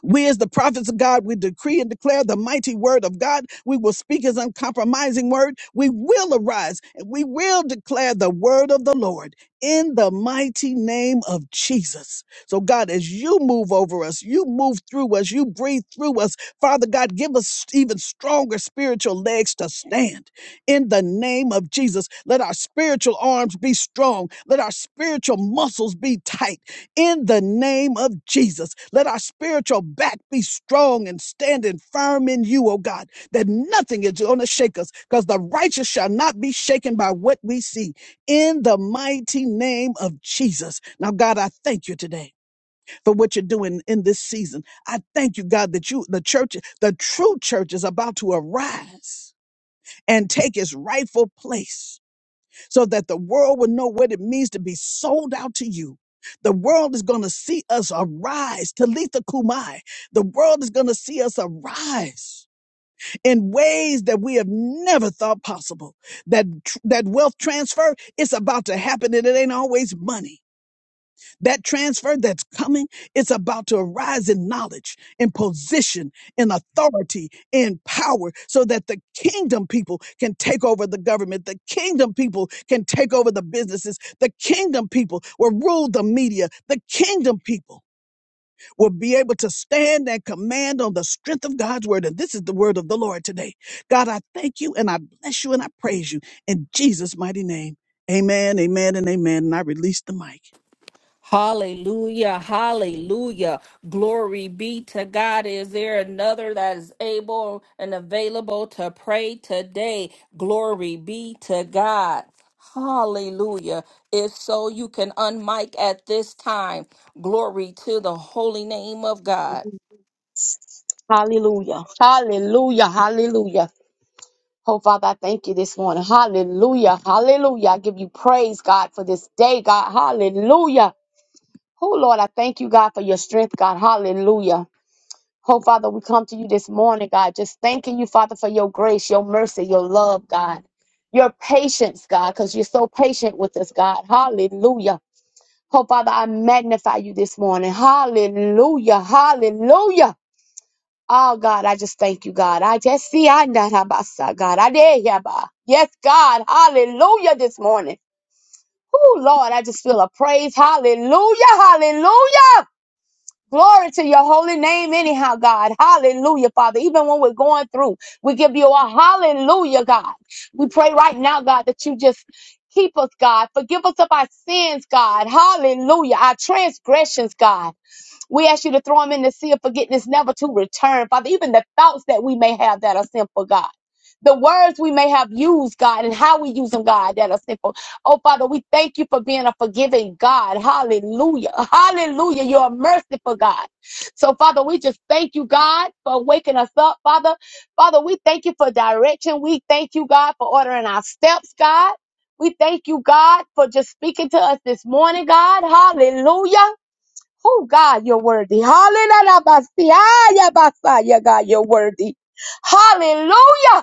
Speaker 3: We, as the prophets of God, we decree and declare the mighty word of God. We will speak his uncompromising word. We will arise and we will declare the word of the Lord in the mighty name of Jesus. So, God, as you move over us, you move through us, you breathe through us, Father God, give us even stronger spiritual legs to stand in the name of Jesus. Let our spiritual arms be strong, let our spiritual muscles be tight in the name of Jesus. Let our spiritual back be strong and standing firm in you, oh God, that nothing is going to shake us because the righteous shall not be shaken by what we see in the mighty name of Jesus. Now, God, I thank you today for what you're doing in this season. I thank you, God, that you, the church, the true church is about to arise and take its rightful place so that the world will know what it means to be sold out to you. The world is going to see us arise. Talitha Kumai. The world is going to see us arise in ways that we have never thought possible. That tr- that wealth transfer is about to happen, and it ain't always money. That transfer that's coming, it's about to arise in knowledge, in position, in authority, in power, so that the kingdom people can take over the government. The kingdom people can take over the businesses. The kingdom people will rule the media. The kingdom people will be able to stand and command on the strength of God's word. And this is the word of the Lord today. God, I thank you and I bless you and I praise you in Jesus' mighty name. Amen, amen, and amen. And I release the mic.
Speaker 1: Hallelujah, hallelujah. Glory be to God. Is there another that is able and available to pray today? Glory be to God. Hallelujah. If so, you can unmic at this time. Glory to the holy name of God.
Speaker 4: Hallelujah. Hallelujah. Hallelujah. Oh, Father, I thank you this morning. Hallelujah. Hallelujah. I give you praise, God, for this day, God. Hallelujah. Oh, Lord, I thank you, God, for your strength, God. Hallelujah. Oh, Father, we come to you this morning, God, just thanking you, Father, for your grace, your mercy, your love, God, your patience, God, because you're so patient with us, God. Hallelujah. Oh, Father, I magnify you this morning. Hallelujah. Hallelujah. Oh God, I just thank you, God. I just see I not habasa, God. I dare ya ba. Yes, God. Hallelujah this morning. Oh Lord, I just feel a praise. Hallelujah. Hallelujah. Glory to your holy name, anyhow, God. Hallelujah, Father. Even when we're going through, we give you a hallelujah, God. We pray right now, God, that you just keep us, God. Forgive us of our sins, God. Hallelujah. Our transgressions, God. We ask you to throw them in the sea of forgetfulness, never to return. Father, even the thoughts that we may have that are sinful, God. The words we may have used, God, and how we use them, God, that are sinful. Oh, Father, we thank you for being a forgiving God. Hallelujah. Hallelujah. You're a merciful God. So, Father, we just thank you, God, for waking us up, Father. Father, we thank you for direction. We thank you, God, for ordering our steps, God. We thank you, God, for just speaking to us this morning, God. Hallelujah. Oh God, you're worthy. Hallelujah. Basi- ah, yeah, basa. Yeah, God, you're worthy. Hallelujah.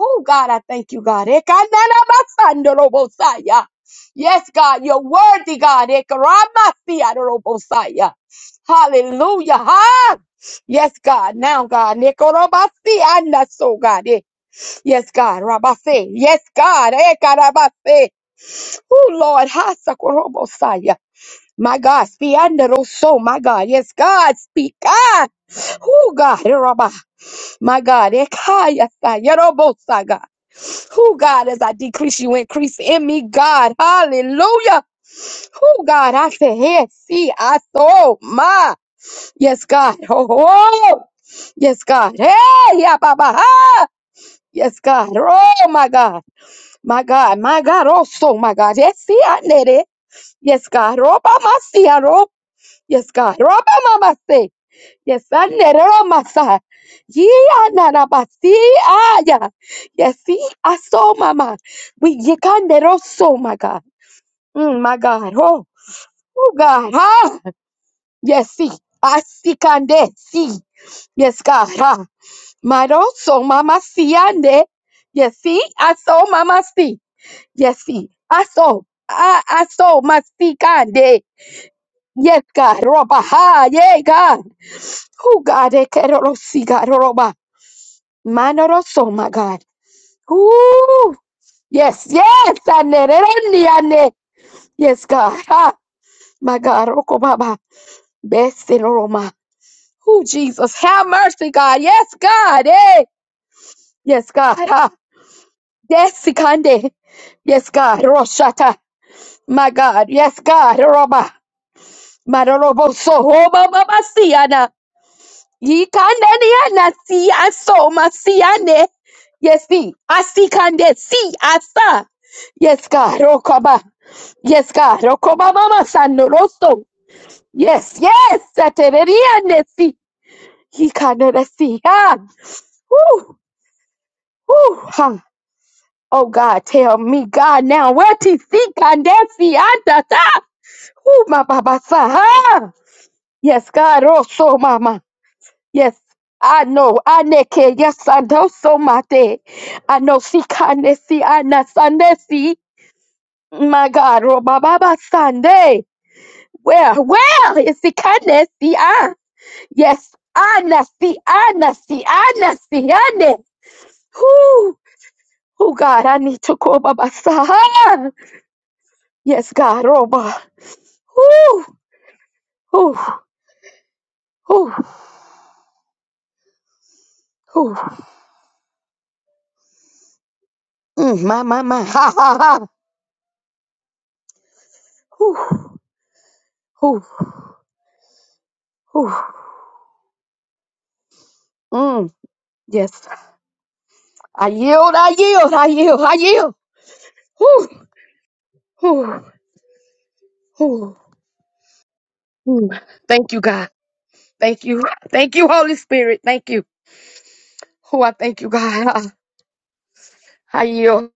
Speaker 4: Oh God, I thank you, God. Ekanana basandoro bosaya. Yes, God, you're worthy, God. Ekarabasiadoro bosaya. Hallelujah. Ha! Yes, God. Now, God. Nekorobasi anaso, God. Eh, Yes, God. Rabase. Yes, God. Ekarabase. Oh Lord. Ha sakorobosaya. My God, spianderoso, my God, yes, God, speak, God. Who God, Eraba. my God, ekayasa, yerobosa, God. Who God, as I decrease, you increase in me, God, hallelujah. Who God, I say, hey, see, I saw, my, yes, God, oh, oh. yes, God, hey, yeah, Baba, ha. yes, God, oh, my God, my God, my God, also, my God, yes, see, I need it. Yes, God, oh, Baba, see, Yes, God. Rama Mama, Rabamamase. Yes, anera masa. Ye, aneramasa. Yianarabasi aya. Yes, see, aso mama. We ye yikaneroso, my God. Mm, my God. Oh, oh God. Ha. Yes, see. Asikande. See. Yes, God. Ha. Maro, Maroso mama siande. Yes, see. Aso mama si. Yes, see. Aso. Ah, aso masikande. Yes, God. Roba. Ha. Yeah, God. Oh God, ekerorosi, God, oroba, so my God. Ooh, yes, yes, ane, rereni, ane. yes, God. Ha, my God, roko baba, best in Roma. Oh Jesus, have mercy, God. Yes, God. Eh. yes, God. Ha. yes, Sikande. Yes, God. Roshata. My God. Yes, God. Roba. Maroroboso. Roba Mama Siana. Yikandani yana si aso masiane. Yes, be. Asi kande si asa. Yes, God. Rokoba. Yes, God. Rokoba mama sano rosto. Yes, yes. Satereriane si. Yikandani si. Ah. Woo. Woo. Ha. Oh, God. Tell me, God, now. Where ti si kande si anta ta. Woo, ma baba sa. Ha. Yes, God. Rosso mama. Yes, I know. I neke. Yes, I know so mate. I know si kanesi ana sanesi. My God, Robaba Sunday. Where, where is the kanesi? Ah, yes, I ana si ana si ana si ana. Who, oh God, I need to go Baba Saha. Yes, God, Roba. Who, who, who, who. Mm, My, my, my. Ha ha ha. Who, who, who. Mm. Yes. I yield, I yield, I yield, I yield. Whew, whew, whew, whew. Thank you, God. Thank you. Thank you, Holy Spirit. Thank you. Oh, I thank you, God. I, I yield.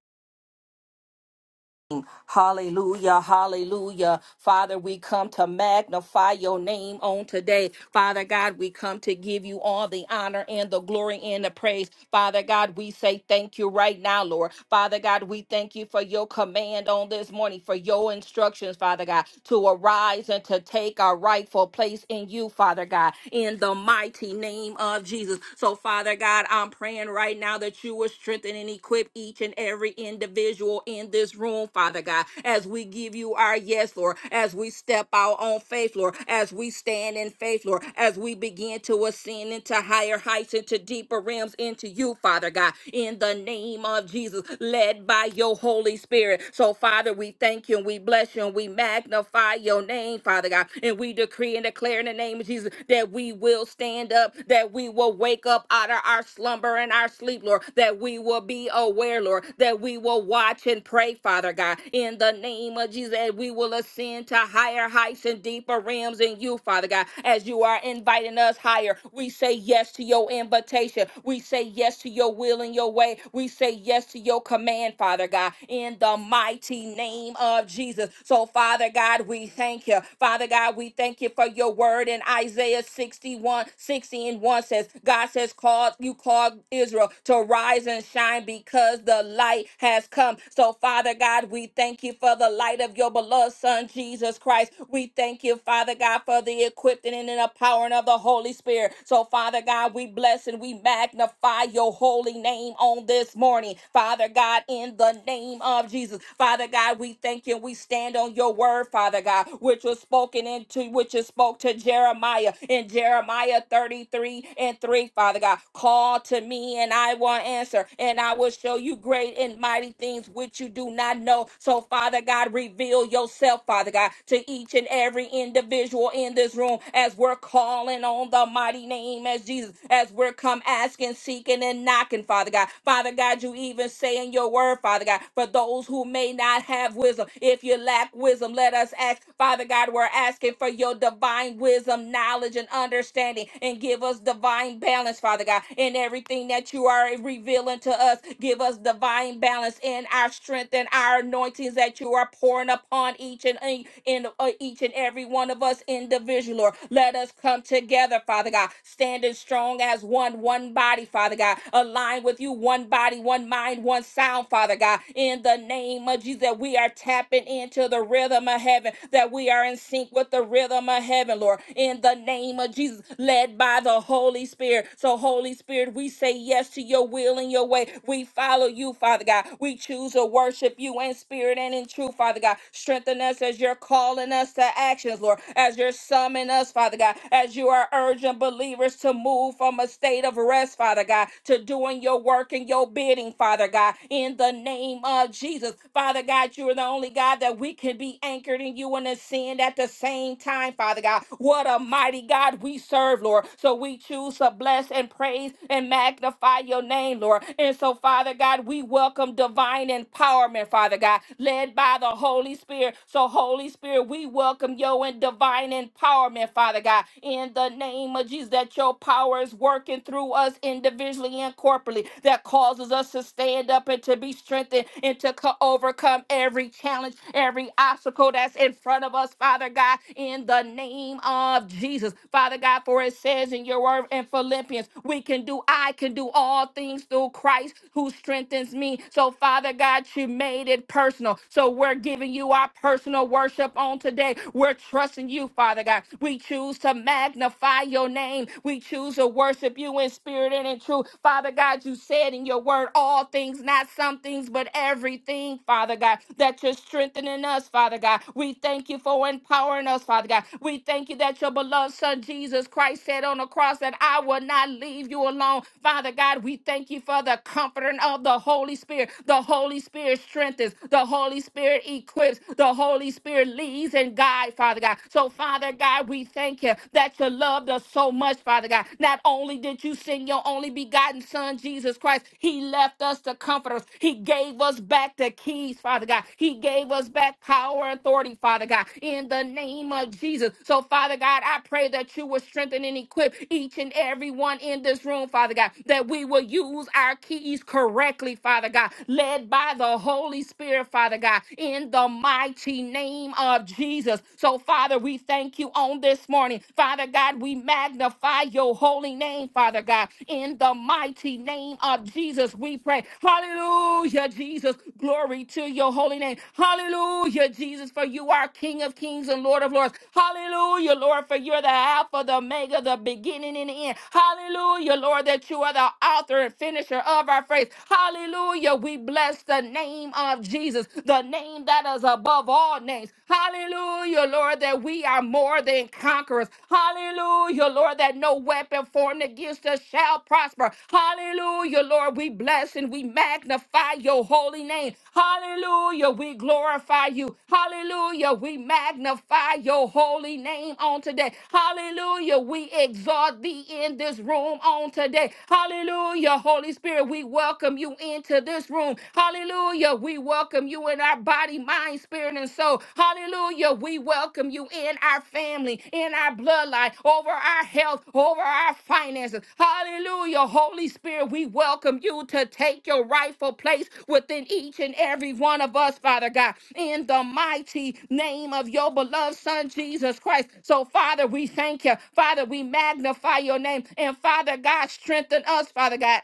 Speaker 1: Hallelujah. Hallelujah. Father, we come to magnify your name on today. Father God, we come to give you all the honor and the glory and the praise. Father God, we say thank you right now, Lord. Father God, we thank you for your command on this morning, for your instructions, Father God, to arise and to take our rightful place in you, Father God, in the mighty name of Jesus. So, Father God, I'm praying right now that you will strengthen and equip each and every individual in this room, Father God, as we give you our yes, Lord, as we step out on faith, Lord, as we stand in faith, Lord, as we begin to ascend into higher heights, into deeper realms, into you, Father God, in the name of Jesus, led by your Holy Spirit. So, Father, we thank you and we bless you and we magnify your name, Father God, and we decree and declare in the name of Jesus that we will stand up, that we will wake up out of our slumber and our sleep, Lord, that we will be aware, Lord, that we will watch and pray, Father. Father God. In the name of Jesus, that we will ascend to higher heights and deeper realms in you, Father God. As you are inviting us higher, we say yes to your invitation. We say yes to your will and your way. We say yes to your command, Father God, in the mighty name of Jesus. So, Father God, we thank you. Father God, we thank you for your word in Isaiah 61, sixty and 1 says, God says, call you called Israel to rise and shine because the light has come. So, Father God. We thank you for the light of your beloved Son, Jesus Christ. We thank you, Father God, for the equipping and the empowering of the Holy Spirit. So, Father God, we bless and we magnify your holy name on this morning. Father God, in the name of Jesus. Father God, we thank you. We stand on your word, Father God, which was spoken into, which is spoke to Jeremiah in Jeremiah 33 and 3, Father God. Call to me and I will answer and I will show you great and mighty things which you do not know. So, Father God, reveal yourself, Father God, to each and every individual in this room as we're calling on the mighty name as Jesus, as we're come asking, seeking, and knocking, Father God. Father God, you even say in your word, Father God, for those who may not have wisdom, if you lack wisdom, let us ask. Father God, we're asking for your divine wisdom, knowledge, and understanding, and give us divine balance, Father God, in everything that you are revealing to us. Give us divine balance in our strength and our anointings that you are pouring upon each and e- in uh, each and every one of us individually. Lord. Let us come together, Father God, standing strong as one, one body, Father God, aligned with you, one body, one mind, one sound, Father God. In the name of Jesus, that we are tapping into the rhythm of heaven, that we are in sync with the rhythm of heaven, Lord. In the name of Jesus, led by the Holy Spirit. So, Holy Spirit, we say yes to your will and your way. We follow you, Father God. God. We choose to worship you in spirit and in truth, Father God. Strengthen us as you're calling us to actions, Lord, as you're summoning us, Father God, as you are urging believers to move from a state of rest, Father God, to doing your work and your bidding, Father God, in the name of Jesus. Father God, you are the only God that we can be anchored in you and ascend at the same time, Father God. What a mighty God we serve, Lord. So we choose to bless and praise and magnify your name, Lord. And so, Father God, we will welcome divine empowerment, Father God, led by the Holy Spirit. So, Holy Spirit, we welcome you and divine empowerment, Father God, in the name of Jesus, that your power is working through us individually and corporately, that causes us to stand up and to be strengthened and to co- overcome every challenge, every obstacle that's in front of us, Father God, in the name of Jesus. Father God, for it says in your word in Philippians, we can do, I can do all things through Christ who strengthens strengthens me. So, Father God, you made it personal. So, we're giving you our personal worship on today. We're trusting you, Father God. We choose to magnify your name. We choose to worship you in spirit and in truth. Father God, you said in your word, all things, not some things, but everything, Father God, that you're strengthening us, Father God. We thank you for empowering us, Father God. We thank you that your beloved Son Jesus Christ said on the cross that I will not leave you alone. Father God, we thank you for the comforting of of the Holy Spirit. The Holy Spirit strengthens, the Holy Spirit equips, the Holy Spirit leads and guides, Father God. So, Father God, we thank you that you loved us so much, Father God. Not only did you send your only begotten Son, Jesus Christ, He left us to comfort us. He gave us back the keys, Father God. He gave us back power and authority, Father God, in the name of Jesus. So, Father God, I pray that you will strengthen and equip each and every one in this room, Father God, that we will use our keys used correctly, Father God, led by the Holy Spirit, Father God, in the mighty name of Jesus. So, Father, we thank you on this morning. Father God, we magnify your holy name, Father God, in the mighty name of Jesus. We pray. Hallelujah, Jesus. Glory to your holy name. Hallelujah, Jesus, for you are King of kings and Lord of lords. Hallelujah, Lord, for you're the Alpha, the Omega, the beginning and the end. Hallelujah, Lord, that you are the author and finisher of of our faith. Hallelujah. We bless the name of Jesus, the name that is above all names. Hallelujah, Lord, that we are more than conquerors. Hallelujah, Lord, that no weapon formed against us shall prosper. Hallelujah, Lord, we bless and we magnify your holy name. Hallelujah, we glorify you. Hallelujah, we magnify your holy name on today. Hallelujah, we exalt thee in this room on today. Hallelujah, Holy Holy Spirit, we welcome you into this room. Hallelujah. We welcome you in our body, mind, spirit, and soul. Hallelujah. We welcome you in our family, in our bloodline, over our health, over our finances. Hallelujah. Holy Spirit, we welcome you to take your rightful place within each and every one of us, Father God, in the mighty name of your beloved Son, Jesus Christ. So, Father, we thank you. Father, we magnify your name. And, Father God, strengthen us, Father God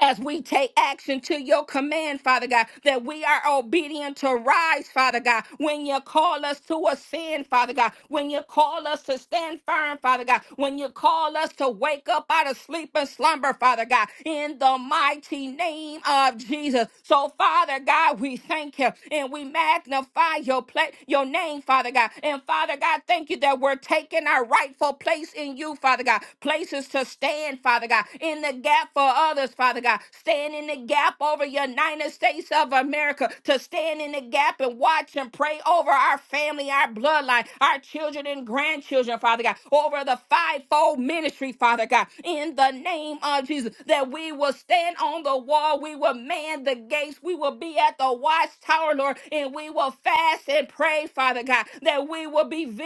Speaker 1: as we take action to your command, Father God, that we are obedient to rise, Father God, when you call us to ascend, Father God, when you call us to stand firm, Father God, when you call us to wake up out of sleep and slumber, Father God, in the mighty name of Jesus. So, Father God, we thank you and we magnify your pla- your name, Father God. And Father God, thank you that we're taking our rightful place in you, Father God, places to stand, Father God, in in the gap for others, Father God. Stand in the gap over United States of America to stand in the gap and watch and pray over our family, our bloodline, our children and grandchildren, Father God, over the fivefold ministry, Father God, in the name of Jesus, that we will stand on the wall, we will man the gates, we will be at the watchtower, Lord, and we will fast and pray, Father God, that we will be vigilant,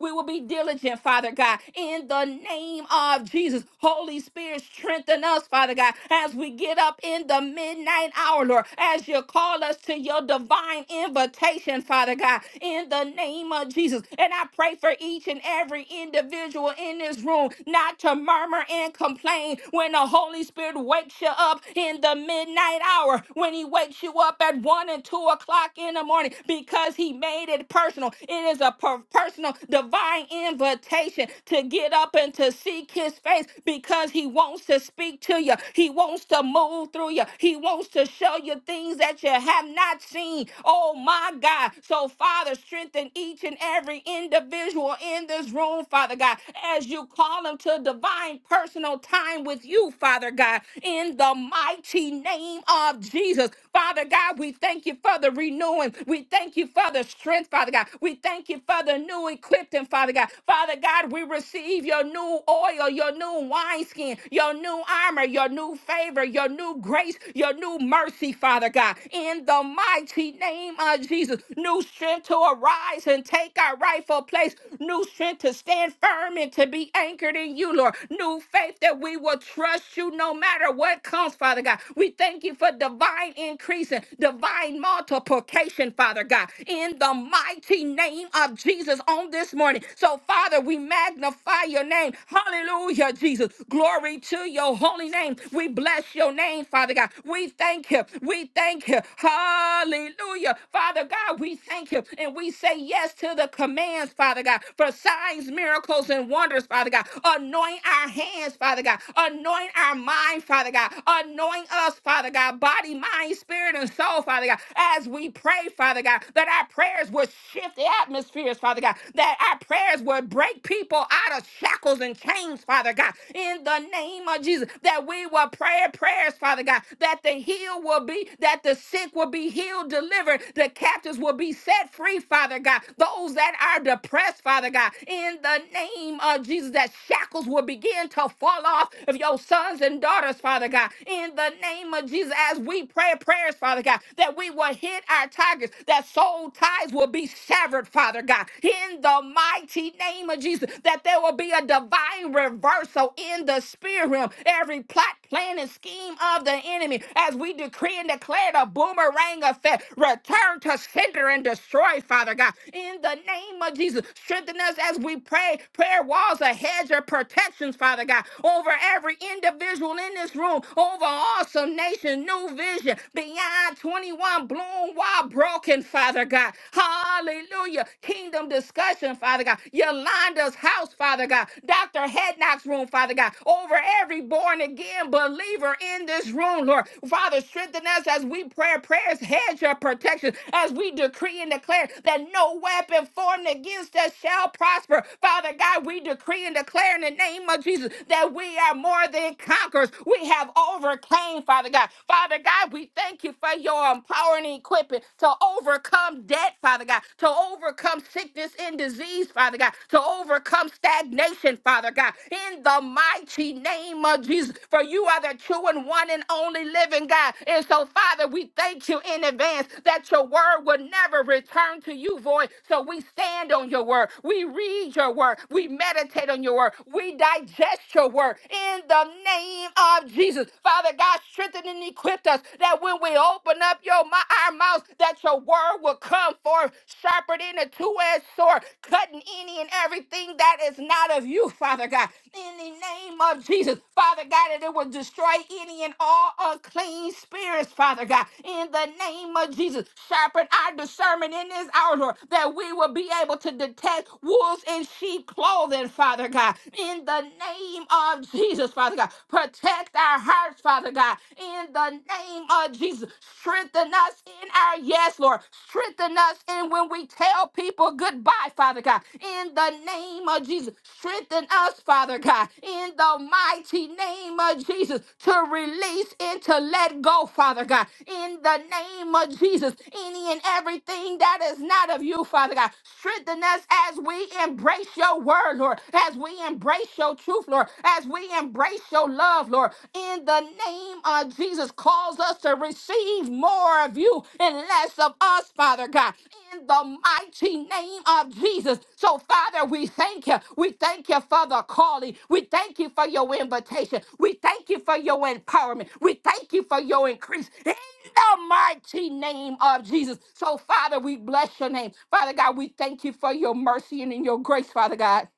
Speaker 1: we will be diligent, Father God, in the name of Jesus. Holy Spirit, strengthen us, Father God, as we get up in the midnight hour, Lord, as you call us to your divine invitation, Father God, in the name of Jesus. And I pray for each and every individual in this room not to murmur and complain when the Holy Spirit wakes you up in the midnight hour, when he wakes you up at one and two o'clock in the morning, because he made it personal. It is a per- personal divine invitation to to get up and to seek his face because he wants to speak to you. He wants to move through you. He wants to show you things that you have not seen. Oh my God. So, Father, strengthen each and every individual in this room, Father God, as you call them to divine personal time with you, Father God, in the mighty name of Jesus. Father God, we thank you for the renewing. We thank you for the strength, Father God. We thank you for the new equipping, Father. Father God. Father God, we receive your new oil, your new wineskin, your new armor, your new favor, your new grace, your new mercy, Father God. In the mighty name of Jesus, new strength to arise and take our rightful place, new strength to stand firm and to be anchored in you, Lord. New faith that we will trust you no matter what comes, Father God. We thank you for divine increase and divine multiplication, Father God. In the mighty name of Jesus on this morning. So, Father, we magnify your name. Hallelujah, Jesus. Glory to your holy name. We bless your name, Father God. We thank you. We thank you. Hallelujah. Father God, we thank you. And we say yes to the commands, Father God, for signs, miracles, and wonders, Father God. Anoint our hands, Father God. Anoint our mind, Father God. Anoint us, Father God, body, mind, spirit, and soul, Father God, as we pray, Father God, that our prayers would shift atmospheres, Father God, that our prayers would break people out of shackles and chains, Father God, in the name of Jesus, that we will pray prayers, Father God, that the healed will be, that the sick will be healed, delivered, the captives will be set free, Father God, those that are depressed, Father God, in the name of Jesus, that shackles will begin to fall off of your sons and daughters, Father God, in the name of Jesus, as we pray prayers, Father God, that we will hit our targets, that soul ties will be severed, Father God, in the mighty name of Jesus, that there will be a divine reversal in the spirit realm. Every plot, plan, and scheme of the enemy, as we decree and declare the boomerang effect, return to center and destroy, Father God, in the name of Jesus. Strengthen us as we pray, prayer walls, a hedge of protections, Father God, over every individual in this room, over awesome nation, new vision, beyond Malachi 21, bloom while broken, Father God. Hallelujah. Kingdom discussion, Father God. Yolanda's house, Father God. Dr. Hednock's room, Father God. Over every born again believer in this room, Lord. Father, strengthen us as we pray prayers, hedge your protection, as we decree and declare that no weapon formed against us shall prosper. Father God, we decree and declare in the name of Jesus that we are more than conquerors. We have overcame, Father God. Father God, we thank you for your empowering and equipping to overcome debt, Father God, to overcome sickness and disease, Father God, to overcome stagnation, Father God, in the mighty name of Jesus. For you are the true and one and only living God. And so, Father, we thank you in advance that your word will never return to you void. So we stand on your word. We read your word. We meditate on your word. We digest your word in the name of Jesus. Jesus. Father God, strengthen and equip us that when we open up your mi- our mouths, that your word will come forth sharper than a two-edged sword, cutting any and everything that is not of you, Father God. In the name of Jesus, Father God, that it will destroy any and all unclean spirits, Father God. In the name of Jesus, sharpen our discernment in this hour, Lord, that we will be able to detect wolves in sheep clothing, Father God. In the name of Jesus. Jesus, Father God. Protect our hearts, Father God, in the name of Jesus. Strengthen us in our yes, Lord. Strengthen us in when we tell people goodbye, Father God, in the name of Jesus. Strengthen us, Father God, in the mighty name of Jesus to release and to let go, Father God, in the name of Jesus. Any and everything that is not of you, Father God, strengthen us as we embrace your word, Lord, as we embrace your your truth, Lord, as we embrace your love, Lord, in the name of Jesus, calls us to receive more of you and less of us, Father God, in the mighty name of Jesus. So, Father, we thank you. We thank you for the calling. We thank you for your invitation. We thank you for your empowerment. We thank you for your increase in the mighty name of Jesus. So, Father, we bless your name. Father God, we thank you for your mercy and in your grace, Father God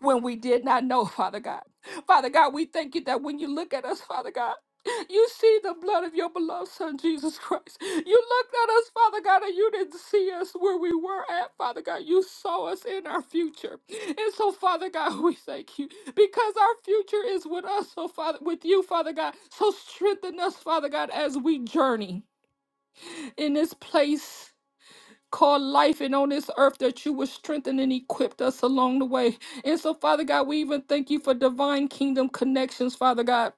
Speaker 1: when we did not know, Father God. Father God, we thank you that when you look at us, Father God, you see the blood of your beloved Son, Jesus Christ. You looked at us, Father God, and you didn't see us where we were at, Father God. You saw us in our future. And so, Father God, we thank you because our future is with us, so Father, with you, Father God. So strengthen us, Father God, as we journey in this place Called life and on this earth that you would strengthen and equip us along the way. And so, Father God, we even thank you for divine kingdom connections, Father God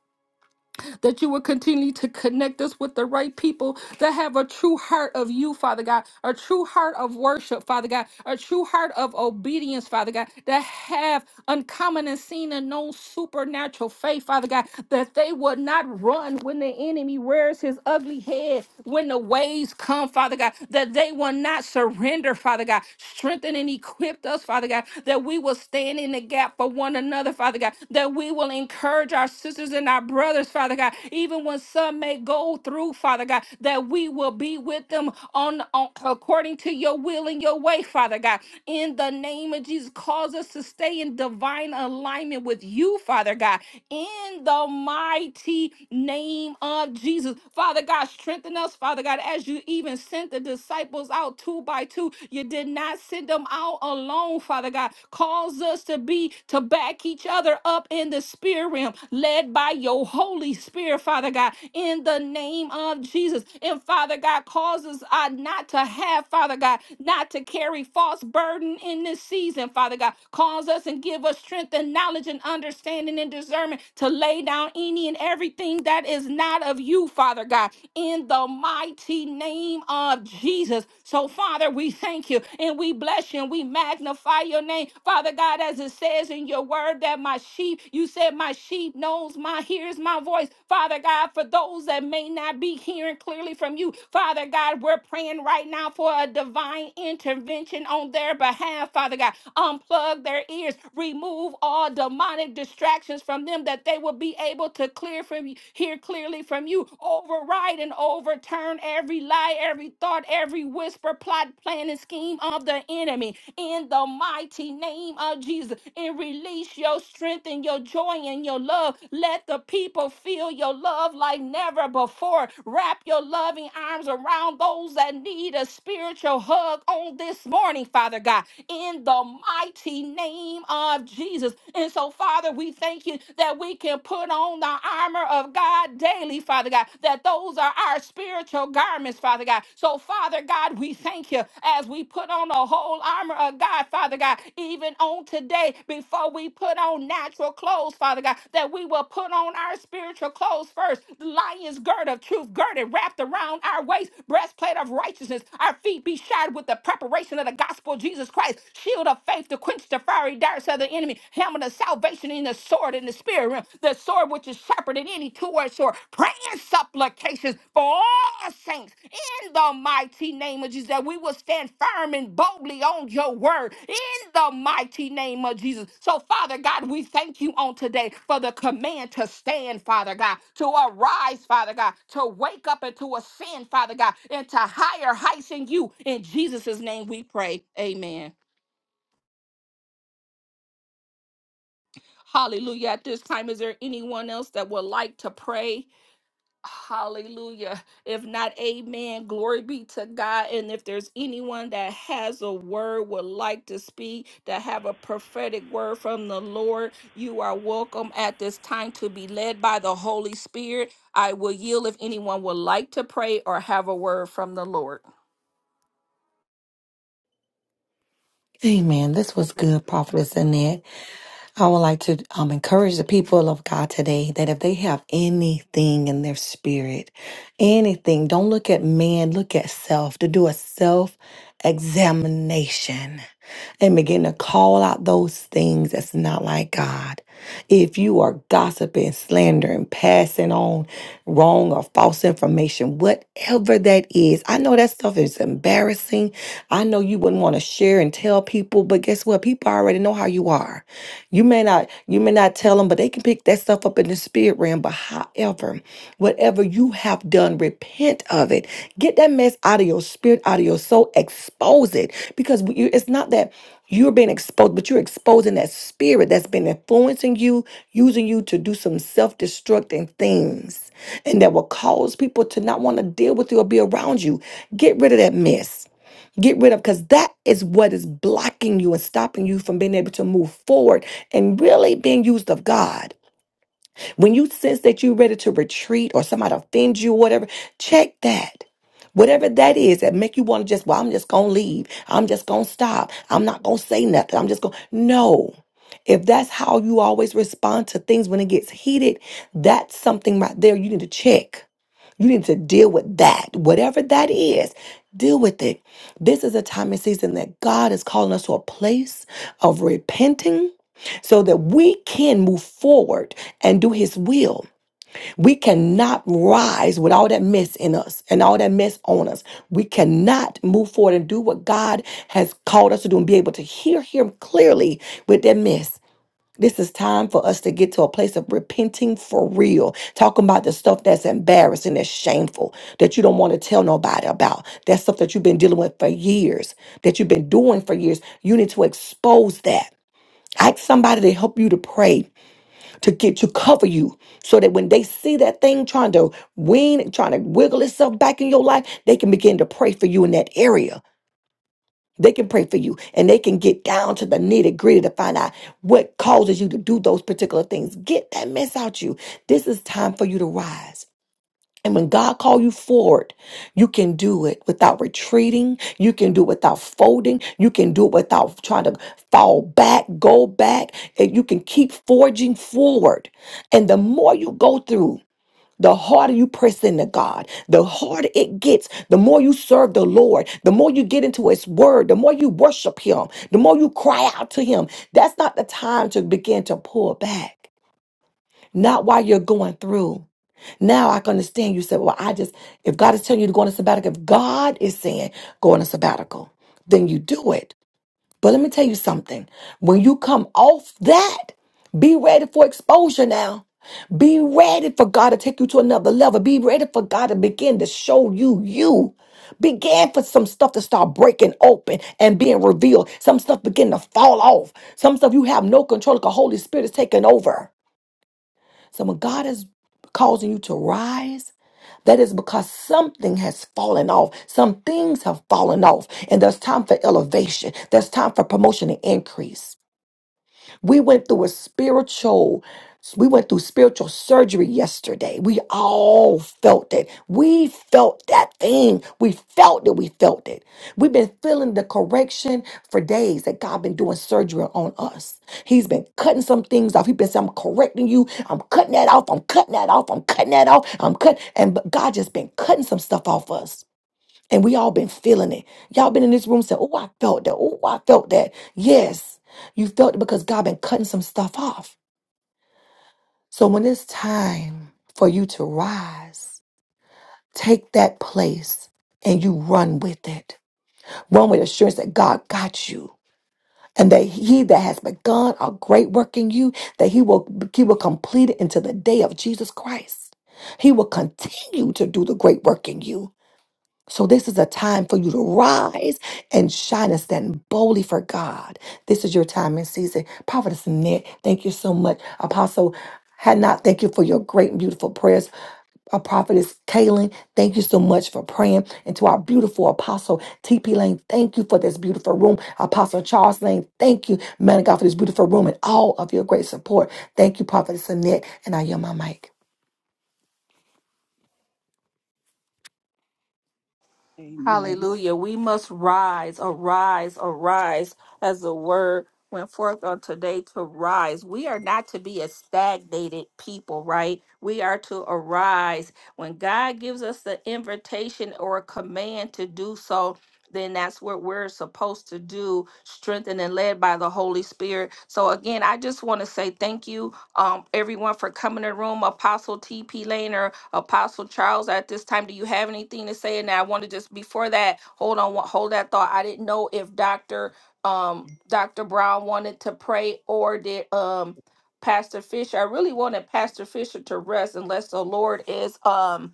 Speaker 1: that you would continue to connect us with the right people that have a true heart of you, Father God, a true heart of worship, Father God, a true heart of obedience, Father God, that have uncommon and seen and known supernatural faith, Father God, that they would not run when the enemy rears his ugly head, when the waves come, Father God, that they will not surrender, Father God. Strengthen and equip us, Father God, that we will stand in the gap for one another, Father God, that we will encourage our sisters and our brothers, Father God, even when some may go through, Father God, that we will be with them on, on according to your will and your way, Father God. In the name of Jesus, cause us to stay in divine alignment with you, Father God. In the mighty name of Jesus, Father God, strengthen us, Father God, as you even sent the disciples out two by two. You did not send them out alone, Father. Father God. Cause us to be, to back each other up in the spirit realm, led by your Holy Spirit, Father God, in the name of Jesus. And Father God, causes I not to have, Father God, not to carry false burden in this season, Father God. Cause us and give us strength and knowledge and understanding and discernment to lay down any and everything that is not of you, Father God in the mighty name of Jesus. So, so, Father, we thank you and we bless you and we magnify your name. Father God, as it says in your word that my sheep, you said my sheep knows my hears my voice. Father God, for those that may not be hearing clearly from you, Father God, we're praying right now for a divine intervention on their behalf, Father God. Unplug their ears, remove all demonic distractions from them that they will be able to clear from you, hear clearly from you. Override and overturn every lie, every thought, every whisper, plot, plan, and scheme of the enemy in the mighty name of Jesus and release your strength and your joy and your love. Let the people feel your love like never before. Wrap your loving arms around those that need a spiritual hug on this morning, Father God, in the mighty name of Jesus. And so, Father, we thank you that we can put on the our armor of God daily, Father God, that those are our spiritual garments, Father God. So, Father God, we thank you as we put on the whole armor of God, Father God, even on today, before we put on natural clothes, Father God, that we will put on our spiritual clothes first. The Lion's gird of truth, girded, wrapped around our waist, breastplate of righteousness, our feet be shod with the preparation of the gospel of Jesus Christ, shield of faith to quench the fiery darts of the enemy, helmet phenomenon of salvation in the sword in the spirit realm, the sword which is sharper than any two-edged sword, praying supplications for all saints in the mighty name of Jesus, that we will stand firm and boldly on your word in the mighty name of Jesus. So, Father God, we thank you on today for the command to stand, Father God, to arise, Father God, to wake up and to ascend, Father God, into higher heights in you. In Jesus' name we pray. Amen. Hallelujah. At this time, is there anyone else that would like to pray? Hallelujah. If not, amen. Glory be to God. And if there's anyone that has a word, would like to speak, that have a prophetic word from the Lord, you are welcome at this time to be led by the Holy Spirit. I will yield if anyone would like to pray or have a word from the Lord.
Speaker 5: Amen. This was good, Prophetess Annette. I would like to um, encourage the people of God today that if they have anything in their spirit, anything, don't look at man, look at self, to do a self examination and begin to call out those things that's not like God. If you are gossiping, slandering, passing on wrong or false information, whatever that is, I know that stuff is embarrassing. I know you wouldn't want to share and tell people, but guess what? People already know how you are. You may not, you may not tell them, but they can pick that stuff up in the spirit realm. But however, whatever you have done, repent of it. Get that mess out of your spirit, out of your soul. Expose it because you- it's not that. You're being exposed, but you're exposing that spirit that's been influencing you, using you to do some self destructing things, and that will cause people to not want to deal with you or be around you. Get rid of that mess. Get rid of because that is what is blocking you and stopping you from being able to move forward and really being used of God. When you sense that you're ready to retreat or somebody offends you or whatever, check that. Whatever that is that make you want to just, well, I'm just going to leave. I'm just going to stop. I'm not going to say nothing. I'm just going to, no. If that's how you always respond to things when it gets heated, that's something right there you need to check you need to deal with that. Whatever that is, deal with it. This is a time and season that God is calling us to a place of repenting so that we can move forward and do his will. We cannot rise with all that mess in us and all that mess on us. We cannot move forward and do what God has called us to do and be able to hear him clearly with that mess. This is time for us to get to a place of repenting for real, talking about the stuff that's embarrassing, that's shameful, that you don't want to tell nobody about. That stuff that you've been dealing with for years, that you've been doing for years. You need to expose that. Ask somebody to help you to pray, to get to cover you, so that when they see that thing trying to wean, trying to wiggle itself back in your life, they can begin to pray for you in that area they can pray for you and they can get down to the nitty gritty to find out what causes you to do those particular things. Get that mess out you. This is time for you to rise. And when God call you forward, you can do it without retreating. You can do it without folding. You can do it without trying to fall back, go back, and you can keep forging forward. And the more you go through, the harder you press into God, the harder it gets. The more you serve the Lord, the more you get into His Word, the more you worship Him, the more you cry out to Him. That's not the time to begin to pull back. Not while you're going through. Now I can understand you said, well, I just, if God is telling you to go on a sabbatical, if God is saying go on a sabbatical, then you do it. But let me tell you something. When you come off that, be ready for exposure now. Be ready for God to take you to another level. Be ready for God to begin to show you you. Began for some stuff to start breaking open and being revealed. Some stuff begin to fall off. Some stuff you have no control. of. The Holy Spirit is taking over. So when God is causing you to rise, that is because something has fallen off. Some things have fallen off. And there's time for elevation. There's time for promotion and increase. We went through a spiritual, we went through spiritual surgery yesterday. We all felt it. We felt that thing. We felt it. We felt it. We've been feeling the correction for days that God been doing surgery on us. He's been cutting some things off. He's been saying, I'm correcting you. I'm cutting that off. I'm cutting that off. I'm cutting that off. I'm cutting. And but God just been cutting some stuff off us. And we all been feeling it. Y'all been in this room saying, Oh, I felt that. Oh, I felt that. Yes, you felt it because God been cutting some stuff off. So when it's time for you to rise, take that place and you run with it. Run with assurance that God got you. And that he that has begun a great work in you, that he will he will complete it until the day of Jesus Christ. He will continue to do the great work in you. So, this is a time for you to rise and shine and stand boldly for God. This is your time and season. Prophetess Annette, thank you so much. Apostle Hadnot, thank you for your great and beautiful prayers. Our prophetess Kaylin, thank you so much for praying. And to our beautiful apostle TP Lane, thank you for this beautiful room. Apostle Charles Lane, thank you, man of God, for this beautiful room and all of your great support. Thank you, Prophetess Annette. And I yield my mic.
Speaker 3: Amen.
Speaker 1: Hallelujah. We must rise, arise, arise, as the word went forth on today to rise. We are not to be a stagnated people, right? We are to arise. When God gives us the invitation or a command to do so, then that's what we're supposed to do, strengthened and led by the Holy Spirit. So again, I just want to say thank you, um, everyone for coming to the room. Apostle T.P. Lane or Apostle Charles, at this time, do you have anything to say? And I want to just before that, hold on, wa- hold that thought. I didn't know if Doctor um Dr. Brown wanted to pray or did um Pastor Fisher. I really wanted Pastor Fisher to rest unless the Lord is um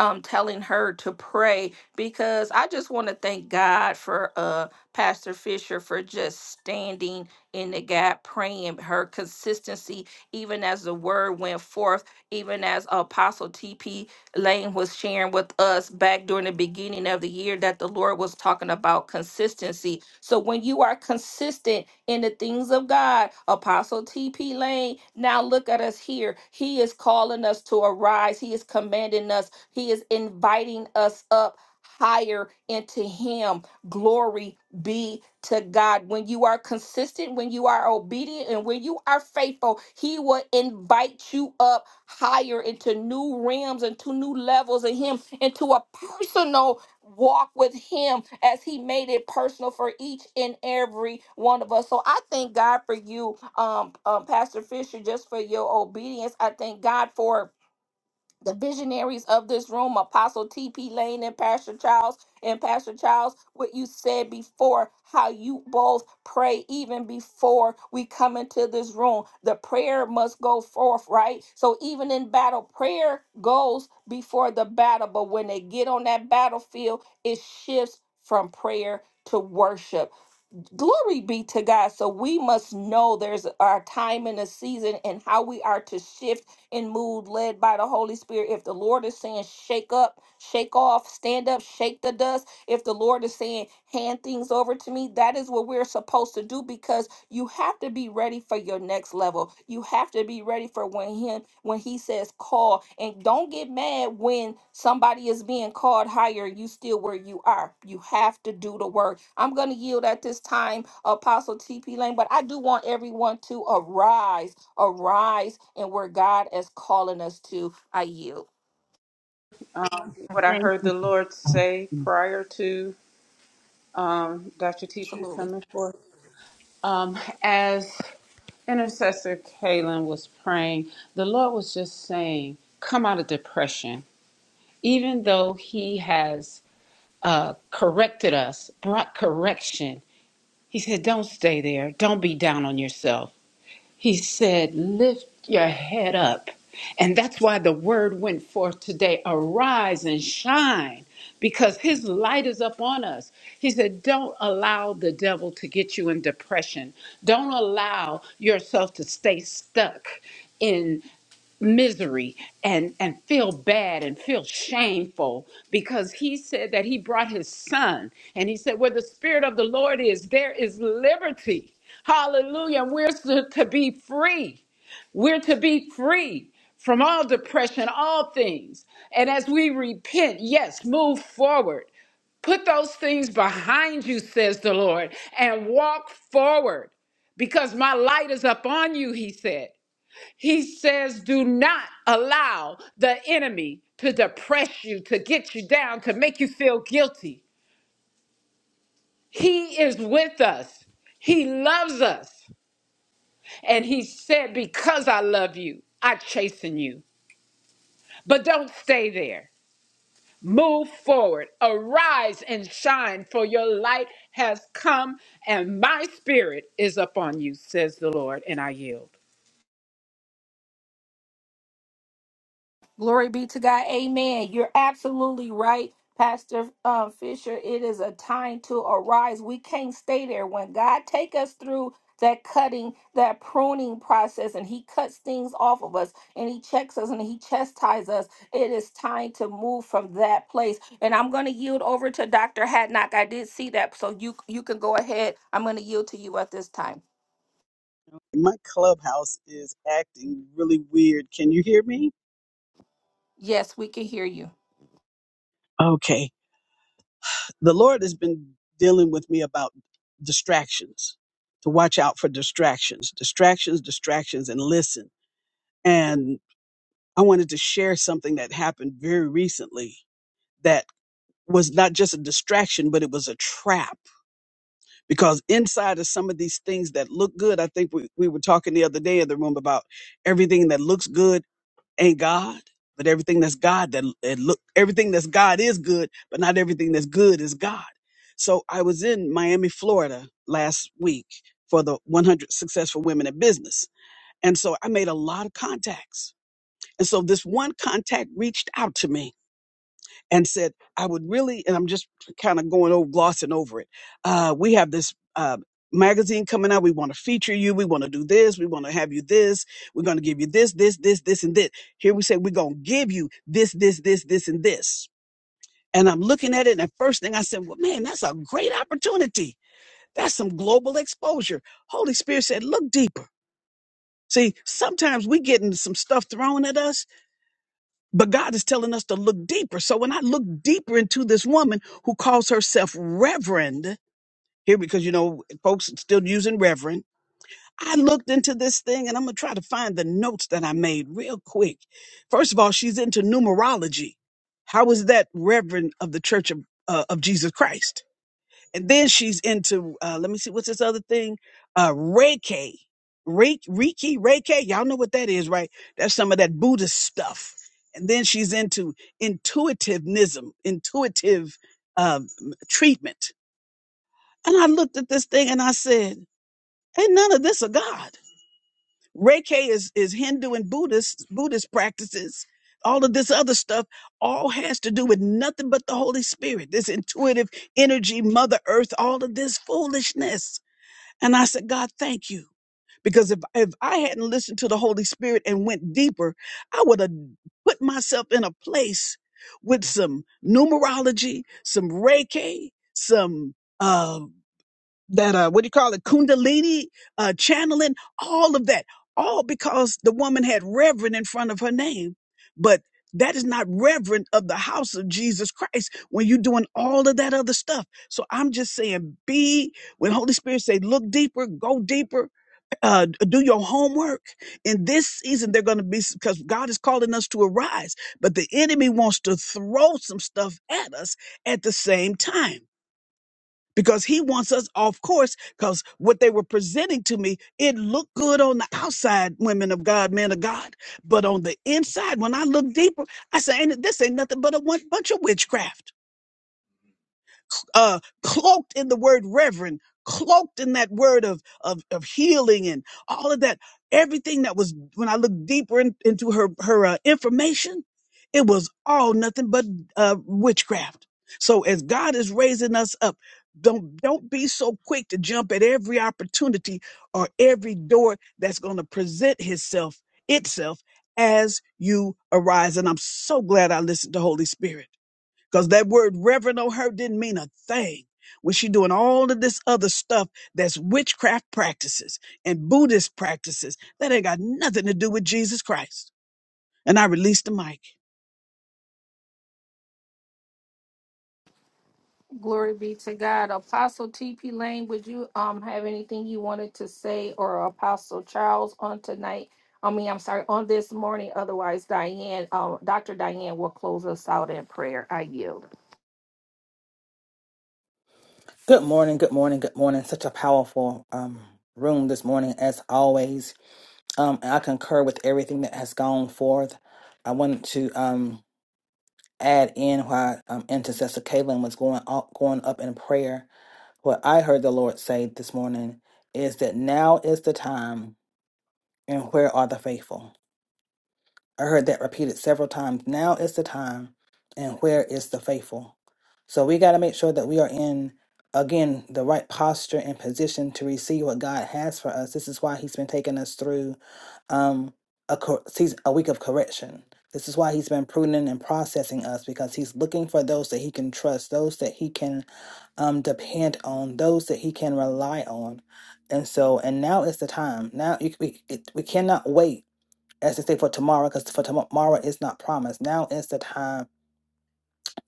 Speaker 1: um telling her to pray because I just want to thank God for uh Pastor Fisher for just standing in the gap praying her consistency even as the word went forth even as Apostle TP Lane was sharing with us back during the beginning of the year that the Lord was talking about consistency. So when you are consistent in the things of God, Apostle TP Lane, now look at us here. He is calling us to arise, He is commanding us, He is inviting us up. Higher into him. Glory be to God. When you are consistent, when you are obedient, and when you are faithful, he will invite you up higher into new realms and to new levels in him into a personal walk with him as he made it personal for each and every one of us so i thank god for you um, um pastor fisher just for your obedience i thank god for the visionaries of this room, Apostle T.P. Lane and Pastor Charles. And Pastor Charles, what you said before, how you both pray even before we come into this room. The prayer must go forth, right? So even in battle, prayer goes before the battle. But when they get on that battlefield, it shifts from prayer to worship. Glory be to God. So we must know there's our time and a season and how we are to shift in mood led by the Holy Spirit. If the Lord is saying, shake up, shake off, stand up, shake the dust, if the Lord is saying, hand things over to me, that is what we're supposed to do because you have to be ready for your next level. You have to be ready for when him when he says call. And don't get mad when somebody is being called higher, you still where you are. You have to do the work. I'm gonna yield at this time, Apostle TP Lane, but I do want everyone to arise, arise and where God is calling us to. I yield.
Speaker 6: um, what I
Speaker 7: Thank
Speaker 6: heard the Lord say
Speaker 7: you.
Speaker 6: prior to um, Dr. Teacher
Speaker 1: Absolutely.
Speaker 6: coming forth. Um, as intercessor Kaylin was praying, the Lord was just saying, Come out of depression. Even though He has uh, corrected us, brought correction, He said, Don't stay there. Don't be down on yourself He said, Lift your head up. And that's why the word went forth today arise and shine, because his light is upon us. He said, Don't allow the devil to get you in depression. Don't allow yourself to stay stuck misery and and feel bad and feel shameful because he said that he brought his son and he said where the spirit of the lord is there is liberty hallelujah and we're to, to be free we're to be free from all depression all things and as we repent yes move forward put those things behind you says the lord and walk forward because my light is upon you he said he says, do not allow the enemy to depress you, to get you down, to make you feel guilty. He is with us. He loves us. And he said, because I love you, I chasten you. But don't stay there. Move forward. Arise and shine, for your light has come, and my spirit is upon you, says the Lord, and I yield.
Speaker 1: Glory be to God. Amen. You're absolutely right, Pastor um, Fisher. It is a time to arise. We can't stay there. When God take us through that cutting, that pruning process, and He cuts things off of us, and He checks us, and He chastises us, it is time to move from that place. And I'm going to yield over to Dr. Hadnock. I did see that, so you you can go ahead. I'm going to yield to you at this time.
Speaker 3: My clubhouse is acting really weird. Can you hear me?
Speaker 1: Yes, we can hear you.
Speaker 3: Okay. The Lord has been dealing with me about distractions, to watch out for distractions, distractions, distractions, and listen. And I wanted to share something that happened very recently that was not just a distraction, but it was a trap. Because inside of some of these things that look good, I think we, we were talking the other day in the room about everything that looks good ain't God, but everything that's God that, that look everything that's God is good, but not everything that's good is God. So I was in Miami, Florida last week for the 100 successful women in business. And so I made a lot of contacts. And so this one contact reached out to me and said, I would really, and I'm just kind of going over, glossing over it. Uh, we have this uh, magazine coming out. We want to feature you. We want to do this. We want to have you this. We're going to give you this, this, this, this, and this. Here we say, we're going to give you this, this, this, this, and this. And I'm looking at it, and the first thing I said, well, man, that's a great opportunity. That's some global exposure. Holy Spirit said, look deeper. See, sometimes we getting some stuff thrown at us but God is telling us to look deeper. So when I look deeper into this woman who calls herself Reverend, here because you know folks still using Reverend, I looked into this thing and I'm gonna try to find the notes that I made real quick. First of all, she's into numerology. How is that Reverend of the Church of uh, of Jesus Christ? And then she's into uh let me see what's this other thing? Uh Reiki. Reiki, Reiki, Reiki. Y'all know what that is, right? That's some of that Buddhist stuff. And then she's into intuitivism, intuitive um, treatment. And I looked at this thing and I said, Ain't none of this a God. Reiki is is Hindu and Buddhist Buddhist practices. All of this other stuff all has to do with nothing but the Holy Spirit, this intuitive energy, Mother Earth, all of this foolishness. And I said, God, thank you. Because if, if I hadn't listened to the Holy Spirit and went deeper, I would have put myself in a place with some numerology, some Reiki, some uh, that uh what do you call it kundalini uh channeling all of that all because the woman had reverend in front of her name but that is not reverend of the house of Jesus Christ when you're doing all of that other stuff. So I'm just saying, be when Holy Spirit say, look deeper, go deeper, uh, do your homework. In this season, they're going to be because God is calling us to arise, but the enemy wants to throw some stuff at us at the same time because he wants us off course because what they were presenting to me it looked good on the outside women of god men of god but on the inside when i look deeper i say ain't, this ain't nothing but a one bunch of witchcraft uh, cloaked in the word reverend, cloaked in that word of, of, of healing and all of that. Everything that was, when I looked deeper in- into her, her uh, information, it was all nothing but uh, witchcraft. So as God is raising us up, don't don't be so quick to jump at every opportunity or every door that's going to present himself itself as you arise. And I'm so glad I listened to Holy Spirit because that word reverend on her didn't mean a thing when she doing all of this other stuff that's witchcraft practices and Buddhist practices that ain't got nothing to do with Jesus Christ. And I released the mic.
Speaker 1: Glory be to God. Apostle TP Lane, would you um have anything you wanted to say or Apostle Charles on tonight? I mean, I'm sorry, on this morning. Otherwise, Diane, um, Dr. Diane will close us out in prayer. I yield.
Speaker 8: Good morning, good morning, good morning. Such a powerful um, room this morning, as always. Um, and I concur with everything that has gone forth. I wanted to um, add in why um, intercessor Kaylin was going up, going up in prayer. What I heard the Lord say this morning is that now is the time, and where are the faithful? I heard that repeated several times. Now is the time, and where is the faithful? So we got to make sure that we are in, again, the right posture and position to receive what God has for us. This is why He's been taking us through um, a, cor- season, a week of correction. This is why He's been pruning and processing us because He's looking for those that He can trust, those that He can um, depend on, those that He can rely on. And so, and now is the time. Now you, we, it, we cannot wait as they say for tomorrow because for tomorrow is not promised now is the time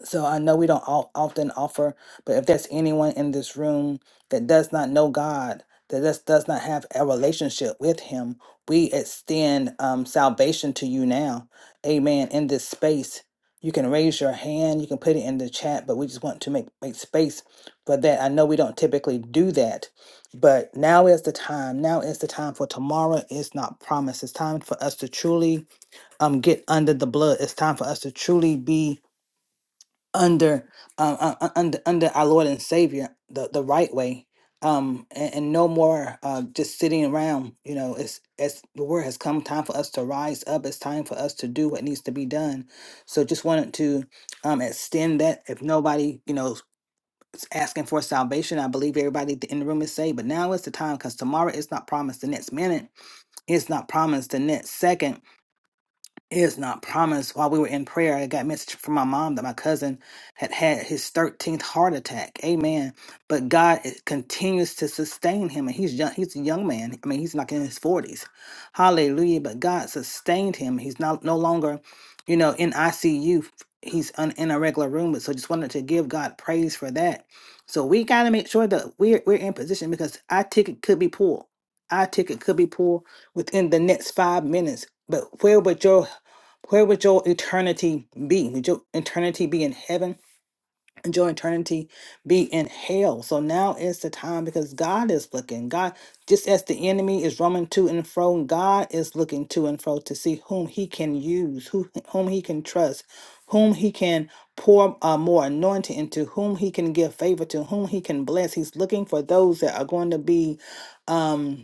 Speaker 8: so i know we don't all, often offer but if there's anyone in this room that does not know god that does, does not have a relationship with him we extend um, salvation to you now amen in this space you can raise your hand you can put it in the chat but we just want to make, make space for that i know we don't typically do that but now is the time now is the time for tomorrow is not promised it's time for us to truly um get under the blood. It's time for us to truly be under um uh, uh, under under our Lord and Savior the the right way. Um and, and no more uh just sitting around. You know, it's as the word has come time for us to rise up. It's time for us to do what needs to be done. So just wanted to um extend that if nobody, you know, is asking for salvation. I believe everybody in the room is saved, but now is the time because tomorrow is not promised the next minute. It's not promised the next second it is not promised. While we were in prayer, I got a message from my mom that my cousin had had his 13th heart attack. Amen. But God is- continues to sustain him, and he's young. He's a young man. I mean, he's like in his 40s. Hallelujah. But God sustained him. He's not no longer, you know, in ICU. He's un, in a regular room. But so just wanted to give God praise for that. So we got to make sure that we're we're in position because our ticket could be pulled. Our ticket could be pulled within the next five minutes. But where would your where would your eternity be? Would your eternity be in heaven? Would your eternity be in hell? So now is the time because God is looking. God, just as the enemy is roaming to and fro, God is looking to and fro to see whom he can use, who whom he can trust, whom he can pour uh, more anointing into, whom he can give favor to, whom he can bless. He's looking for those that are going to be. Um,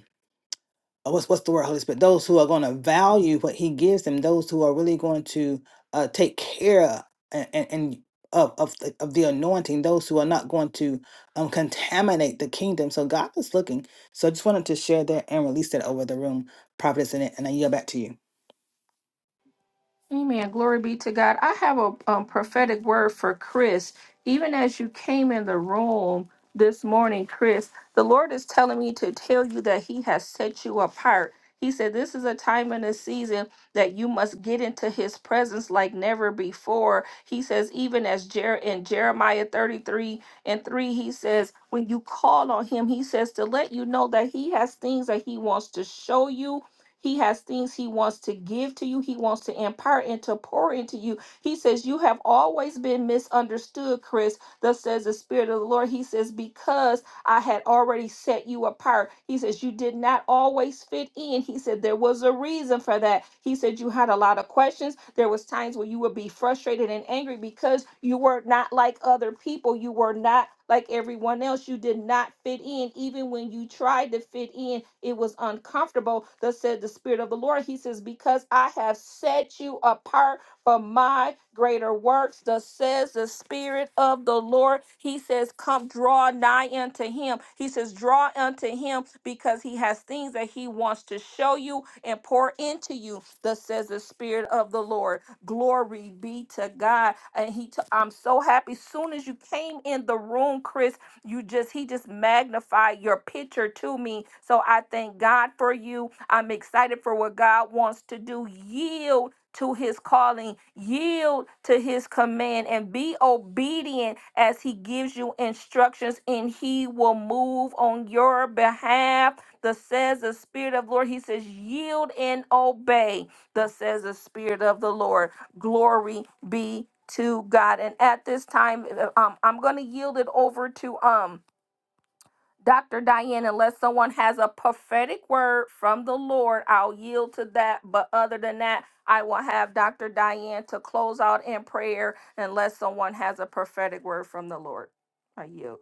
Speaker 8: uh, what's what's the word Holy Spirit? Those who are going to value what He gives them, those who are really going to uh, take care and, and, and of of the, of the anointing, those who are not going to um, contaminate the kingdom. So God is looking. So I just wanted to share that and release that over the room, prophetess, and, and I yield back to you.
Speaker 1: Amen. Glory be to God. I have a um, prophetic word for Chris. Even as you came in the room this morning, Chris, the Lord is telling me to tell you that He has set you apart. He said, This is a time and a season that you must get into His presence like never before. He says, Even as Jer- in Jeremiah 33 and 3, He says, When you call on Him, He says to let you know that He has things that He wants to show you he has things he wants to give to you, he wants to impart and to pour into you. He says, You have always been misunderstood, Chris. Thus says the Spirit of the Lord. He says, Because I had already set you apart. He says, You did not always fit in. He said, There was a reason for that. He said, You had a lot of questions. There was times where you would be frustrated and angry because you were not like other people. You were not like everyone else. You did not fit in. Even when you tried to fit in, it was uncomfortable. Thus said the Spirit of the Lord. He says, Because I have set you apart for my greater works, thus says the Spirit of the Lord. He says, Come draw nigh unto him. He says, Draw unto him because he has things that he wants to show you and pour into you, thus says the Spirit of the Lord. Glory be to God. And he, t- I'm so happy. Soon as you came in the room, Chris, you just, he just magnified your picture to me. So I thank God for you. I'm excited for what God wants to do. Yield to his calling, yield to his command, and be obedient as he gives you instructions, and he will move on your behalf. Thus says the Spirit of the Lord. He says, Yield and obey. Thus says the Spirit of the Lord. Glory be to God. And at this time, uh, um, I'm going to yield it over to um Dr. Diane, unless someone has a prophetic word from the Lord, I'll yield to that. But other than that, I will have Dr. Diane to close out in prayer unless someone has a prophetic word from the Lord. I yield.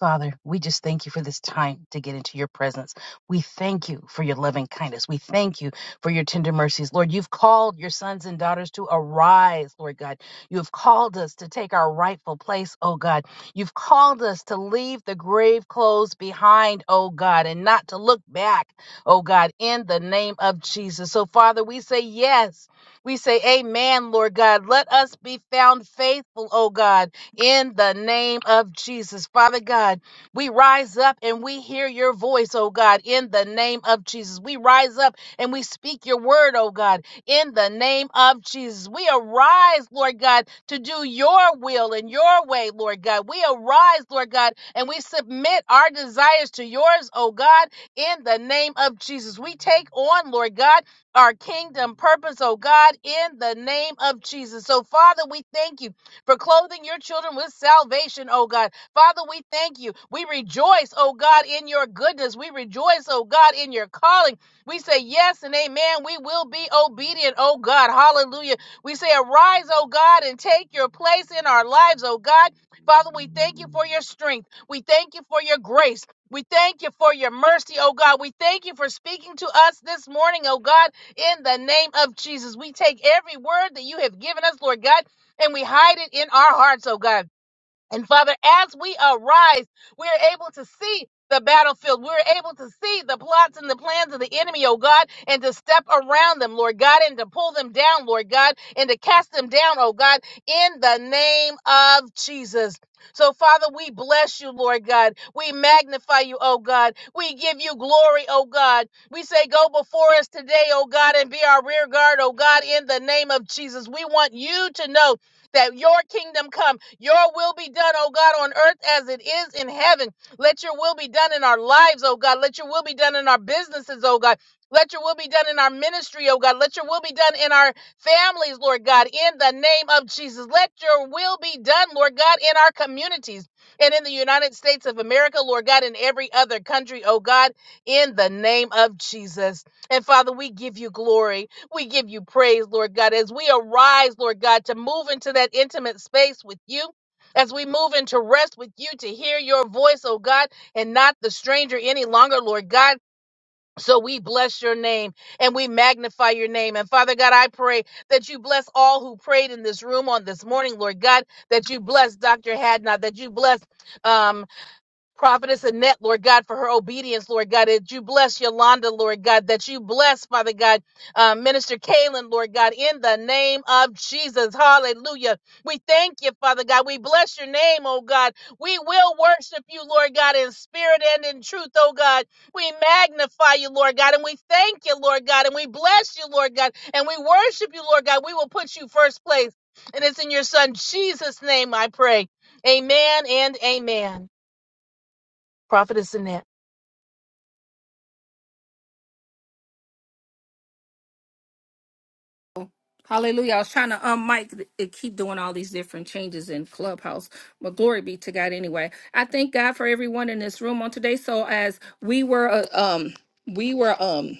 Speaker 7: Father, we just thank you for this time to get into your presence. We thank you for your loving kindness. We thank you for your tender mercies. Lord, you've called your sons and daughters to arise, Lord God. You have called us to take our rightful place, oh God. You've called us to leave the grave clothes behind, oh God, and not to look back, oh God, in the name of Jesus. So, Father, we say yes. We say amen, Lord God. Let us be found faithful, oh God in the name of Jesus. Father God, we rise up and we hear your voice, oh God, in the name of Jesus. We rise up and we speak your word, oh God, in the name of Jesus. We arise, Lord God, to do your will and your way, Lord God. We arise, Lord God, and we submit our desires to yours, oh God, in the name of Jesus. We take on, Lord God, our kingdom purpose, oh God, in the name of Jesus. So, Father, we thank you for clothing your children with salvation, oh God. Father, we thank you. We rejoice, oh God, in your goodness. We rejoice, oh God, in your calling. We say yes and amen. We will be obedient, oh God. Hallelujah. We say arise, oh God, and take your place in our lives, oh God. Father, we thank you for your strength. We thank you for your grace. We thank you for your mercy, oh God. We thank you for speaking to us this morning, oh God, in the name of Jesus. We take every word that you have given us, Lord God and we hide it in our hearts, oh God. And Father, as we arise, we're able to see the battlefield. We're able to see the plots and the plans of the enemy, oh God, and to step around them, Lord God, and to pull them down, Lord God, and to cast them down, oh God, in the name of Jesus. So, Father, we bless you, Lord God. We magnify you, oh God. We give you glory, oh God. We say, Go before us today, oh God, and be our rear guard, oh God, in the name of Jesus. We want you to know that your kingdom come, your will be done, oh God, on earth as it is in heaven. Let your will be done in our lives, oh God. Let your will be done in our businesses, oh God. Let your will be done in our ministry, oh God. Let your will be done in our families, Lord God, in the name of Jesus. Let your will be done, Lord God, in our communities and in the United States of America, Lord God, in every other country, oh God, in the name of Jesus. And Father, we give you glory. We give you praise, Lord God, as we arise, Lord God, to move into that intimate space with you. As we move into rest with you to hear your voice, oh God, and not the stranger any longer, Lord God. So we bless your name and we magnify your name. And Father God, I pray that you bless all who prayed in this room on this morning, Lord God, that you bless Dr. Hadnot, that you bless um. Prophetess Annette, Lord God, for her obedience, Lord God, that you bless Yolanda, Lord God, that you bless, Father God, uh, Minister Kalen, Lord God, in the name of Jesus. Hallelujah. We thank you, Father God. We bless your name, oh God. We will worship you, Lord God, in spirit and in truth, oh God. We magnify you, Lord God, and we thank you, Lord God, and we bless you, Lord God, and we worship you, Lord God. We will put you first place. And it's in your son Jesus' name I pray. Amen and amen prophetess Annette.
Speaker 1: Hallelujah. I was trying to unmic and keep doing all these different changes in Clubhouse. But glory be to God anyway. I thank God for everyone in this room on today. So as we were uh, um we were um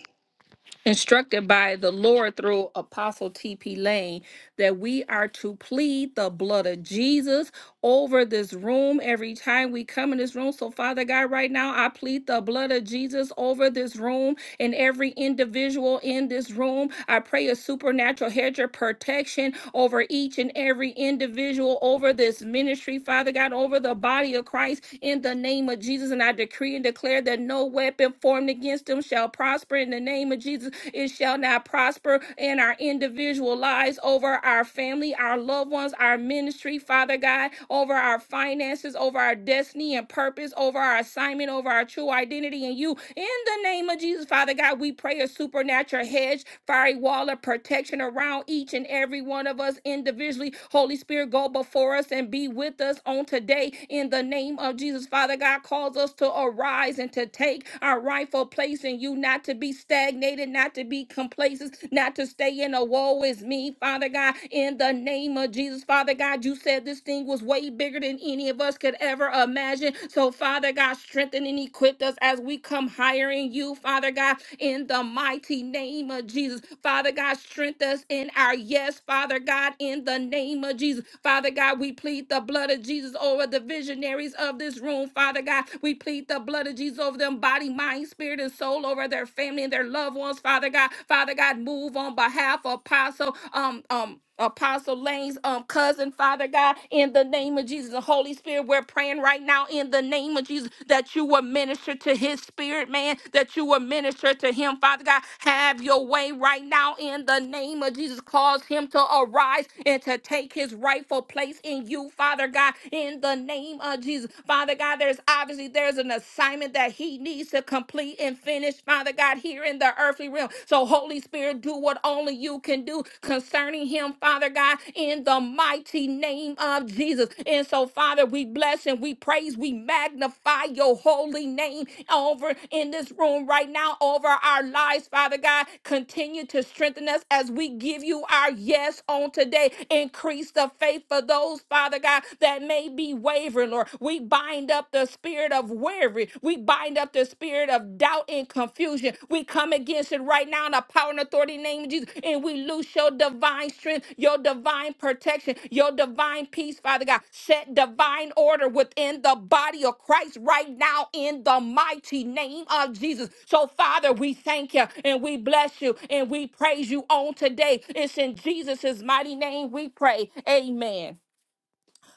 Speaker 1: instructed by the Lord through Apostle T.P. Lane that we are to plead the blood of Jesus over this room every time we come in this room. So, Father God, right now, I plead the blood of Jesus over this room and every individual in this room. I pray a supernatural hedge of protection over each and every individual, over this ministry, Father God, over the body of Christ in the name of Jesus. And I decree and declare that no weapon formed against them shall shall prosper in the name of Jesus. It shall not prosper in our individual lives, over our family, our loved ones, our ministry, Father God, over our finances, over our destiny and purpose, over our assignment, over our true identity in you. In the name of Jesus, Father God, we pray a supernatural hedge, fiery wall of protection around each and every one of us individually. Holy Spirit, go before us and be with us on today. In the name of Jesus, Father God, calls us to arise and to take take our rightful place in you, not to be stagnated, not to be complacent, not to stay in a woe is me, Father God, in the name of Jesus. Father God, you said this thing was way bigger than any of us could ever imagine. So, Father God, strengthen and equip us as we come higher in you, Father God, in the mighty name of Jesus. Father God, strengthen us in our yes, Father God, in the name of Jesus. Father God, we plead the blood of Jesus over the visionaries of this room, Father God. We plead plead the blood of Jesus over them body, mind, spirit, and soul, over their family and their loved ones, Father God. Father God, move on behalf of Apostle, um, um, Apostle Lane's um cousin, Father God, in the name of Jesus. The Holy Spirit, we're praying right now in the name of Jesus that you will minister to his spirit, man, that you will minister to him, Father God. Have your way right now in the name of Jesus. Cause him to arise and to take his rightful place in you, Father God, in the name of Jesus. Father God, there's obviously there's an assignment that he needs to complete and finish, Father God, here in the earthly realm. So Holy Spirit, do what only you can do concerning him, Father God, in the mighty name of Jesus. And so, Father, we bless and we praise, we magnify your holy name over in this room right now, over our lives, Father God. Continue to strengthen us as we give you our yes on today. Increase the faith for those, Father God, that may may be wavering, Lord. We bind up the spirit of worry. We bind up the spirit of doubt and confusion. We come against it right now in the power and authority in the name of Jesus. And we loose your divine strength, your divine protection, your divine peace, Father God. Set divine order within the body of Christ right now in the mighty name of Jesus. So, Father, we thank you and we bless you and we praise you on today. It's in Jesus' mighty name we pray. Amen.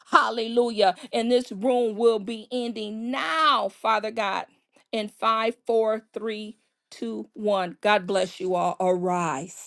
Speaker 1: Hallelujah. And this room will be ending now, Father God, in five, four, three, two, one. God bless you all. Arise.